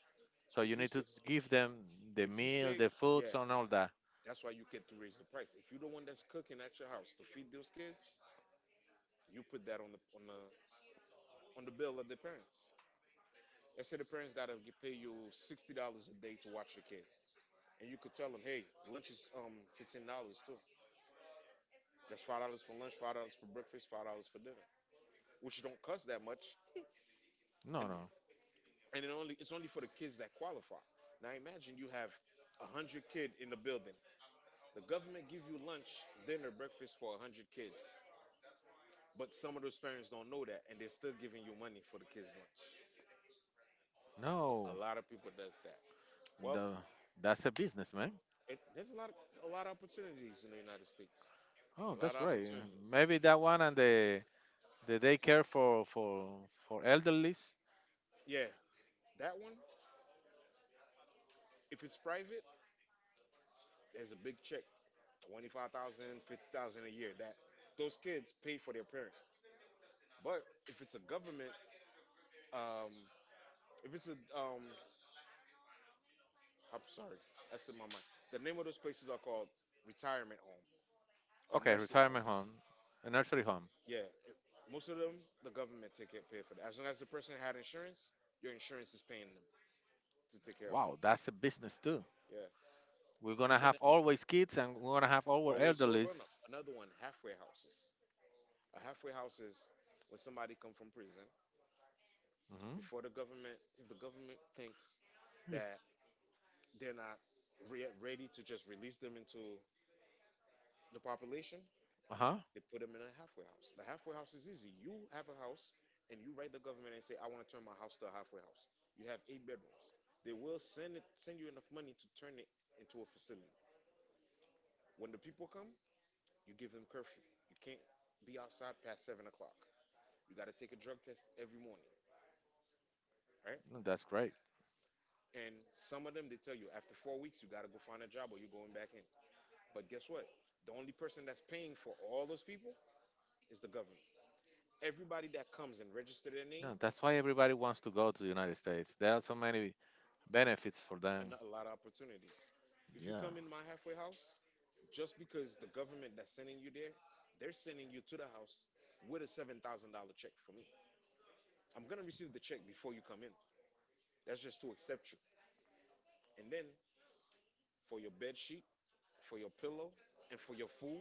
B: So
A: If
B: you
A: you
B: need
A: say,
B: to give them the
A: if you
B: meal,
A: say,
B: the
A: yeah,
B: foods and all that.
A: that's why you get to raise the price. If you're the one that's cooking at your house to feed those kids, you put that on the on the on the bill of the parents. Let's say the parents gotta g- pay you sixty dollars a day to watch the kid, and you could tell them, hey, lunch is um fifteen dollars too. That's five dollars for lunch, five dollars for breakfast, five dollars for dinner, which don't cost that much, and
B: No, no.
A: and it only it's only for the kids that qualify. Now imagine you have a hundred kid in the building. The government give you lunch, dinner, breakfast for a hundred kids, but some of those parents don't know that, and they're still giving you money for the kids' lunch. A
B: No.
A: lot of people does that. Well,
B: The, that's a business, man.
A: it, there's a lot of, a lot of opportunities in the United States. A lot of opportunities. Yeah, that one. If it's private, there's a big check, twenty-five thousand, fifty thousand a year. That those kids pay for their parent. But if it's a government, um, if it's a um, I'm sorry, that's in my mind. The name of those places are called retirement home or nursing homes. Yeah, it- most of them the government take care pay for that. As long as the person had insurance, your insurance is paying them to take care of you. Yeah, even always low grown up. Another one, halfway houses. A halfway house is when somebody come from prison before the government. If the government thinks that they're not re- ready to just release them into the population, they put them in a halfway house. The halfway house is easy. You have a house and you write the government and say, "I want to turn my house to a halfway house." You have eight bedrooms. They will send it, send you enough money to turn it into a facility. When the people come, you give them curfew. You can't be outside past seven o'clock. You got to take a drug test every morning, right? And some of them, they tell you after four weeks, you got to go find a job or you're going back in. But guess what? The only person that's paying for all those people is the government. Everybody that comes and register their name, and a lot of opportunities. If you come in my halfway house, just because the government that's sending you there, they're sending you to the house with a seven thousand dollars check for me. I'm going to receive the check before you come in. That's just to accept you. And then for your bed sheet, for your pillow, and for your food,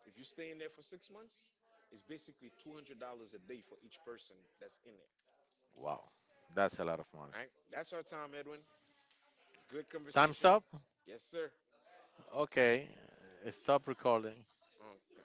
A: if you stay in there for six months, it's basically two hundred dollars a day for each person that's in there. All right, that's our time, Edwin. Good conversation. Yes, sir. Um,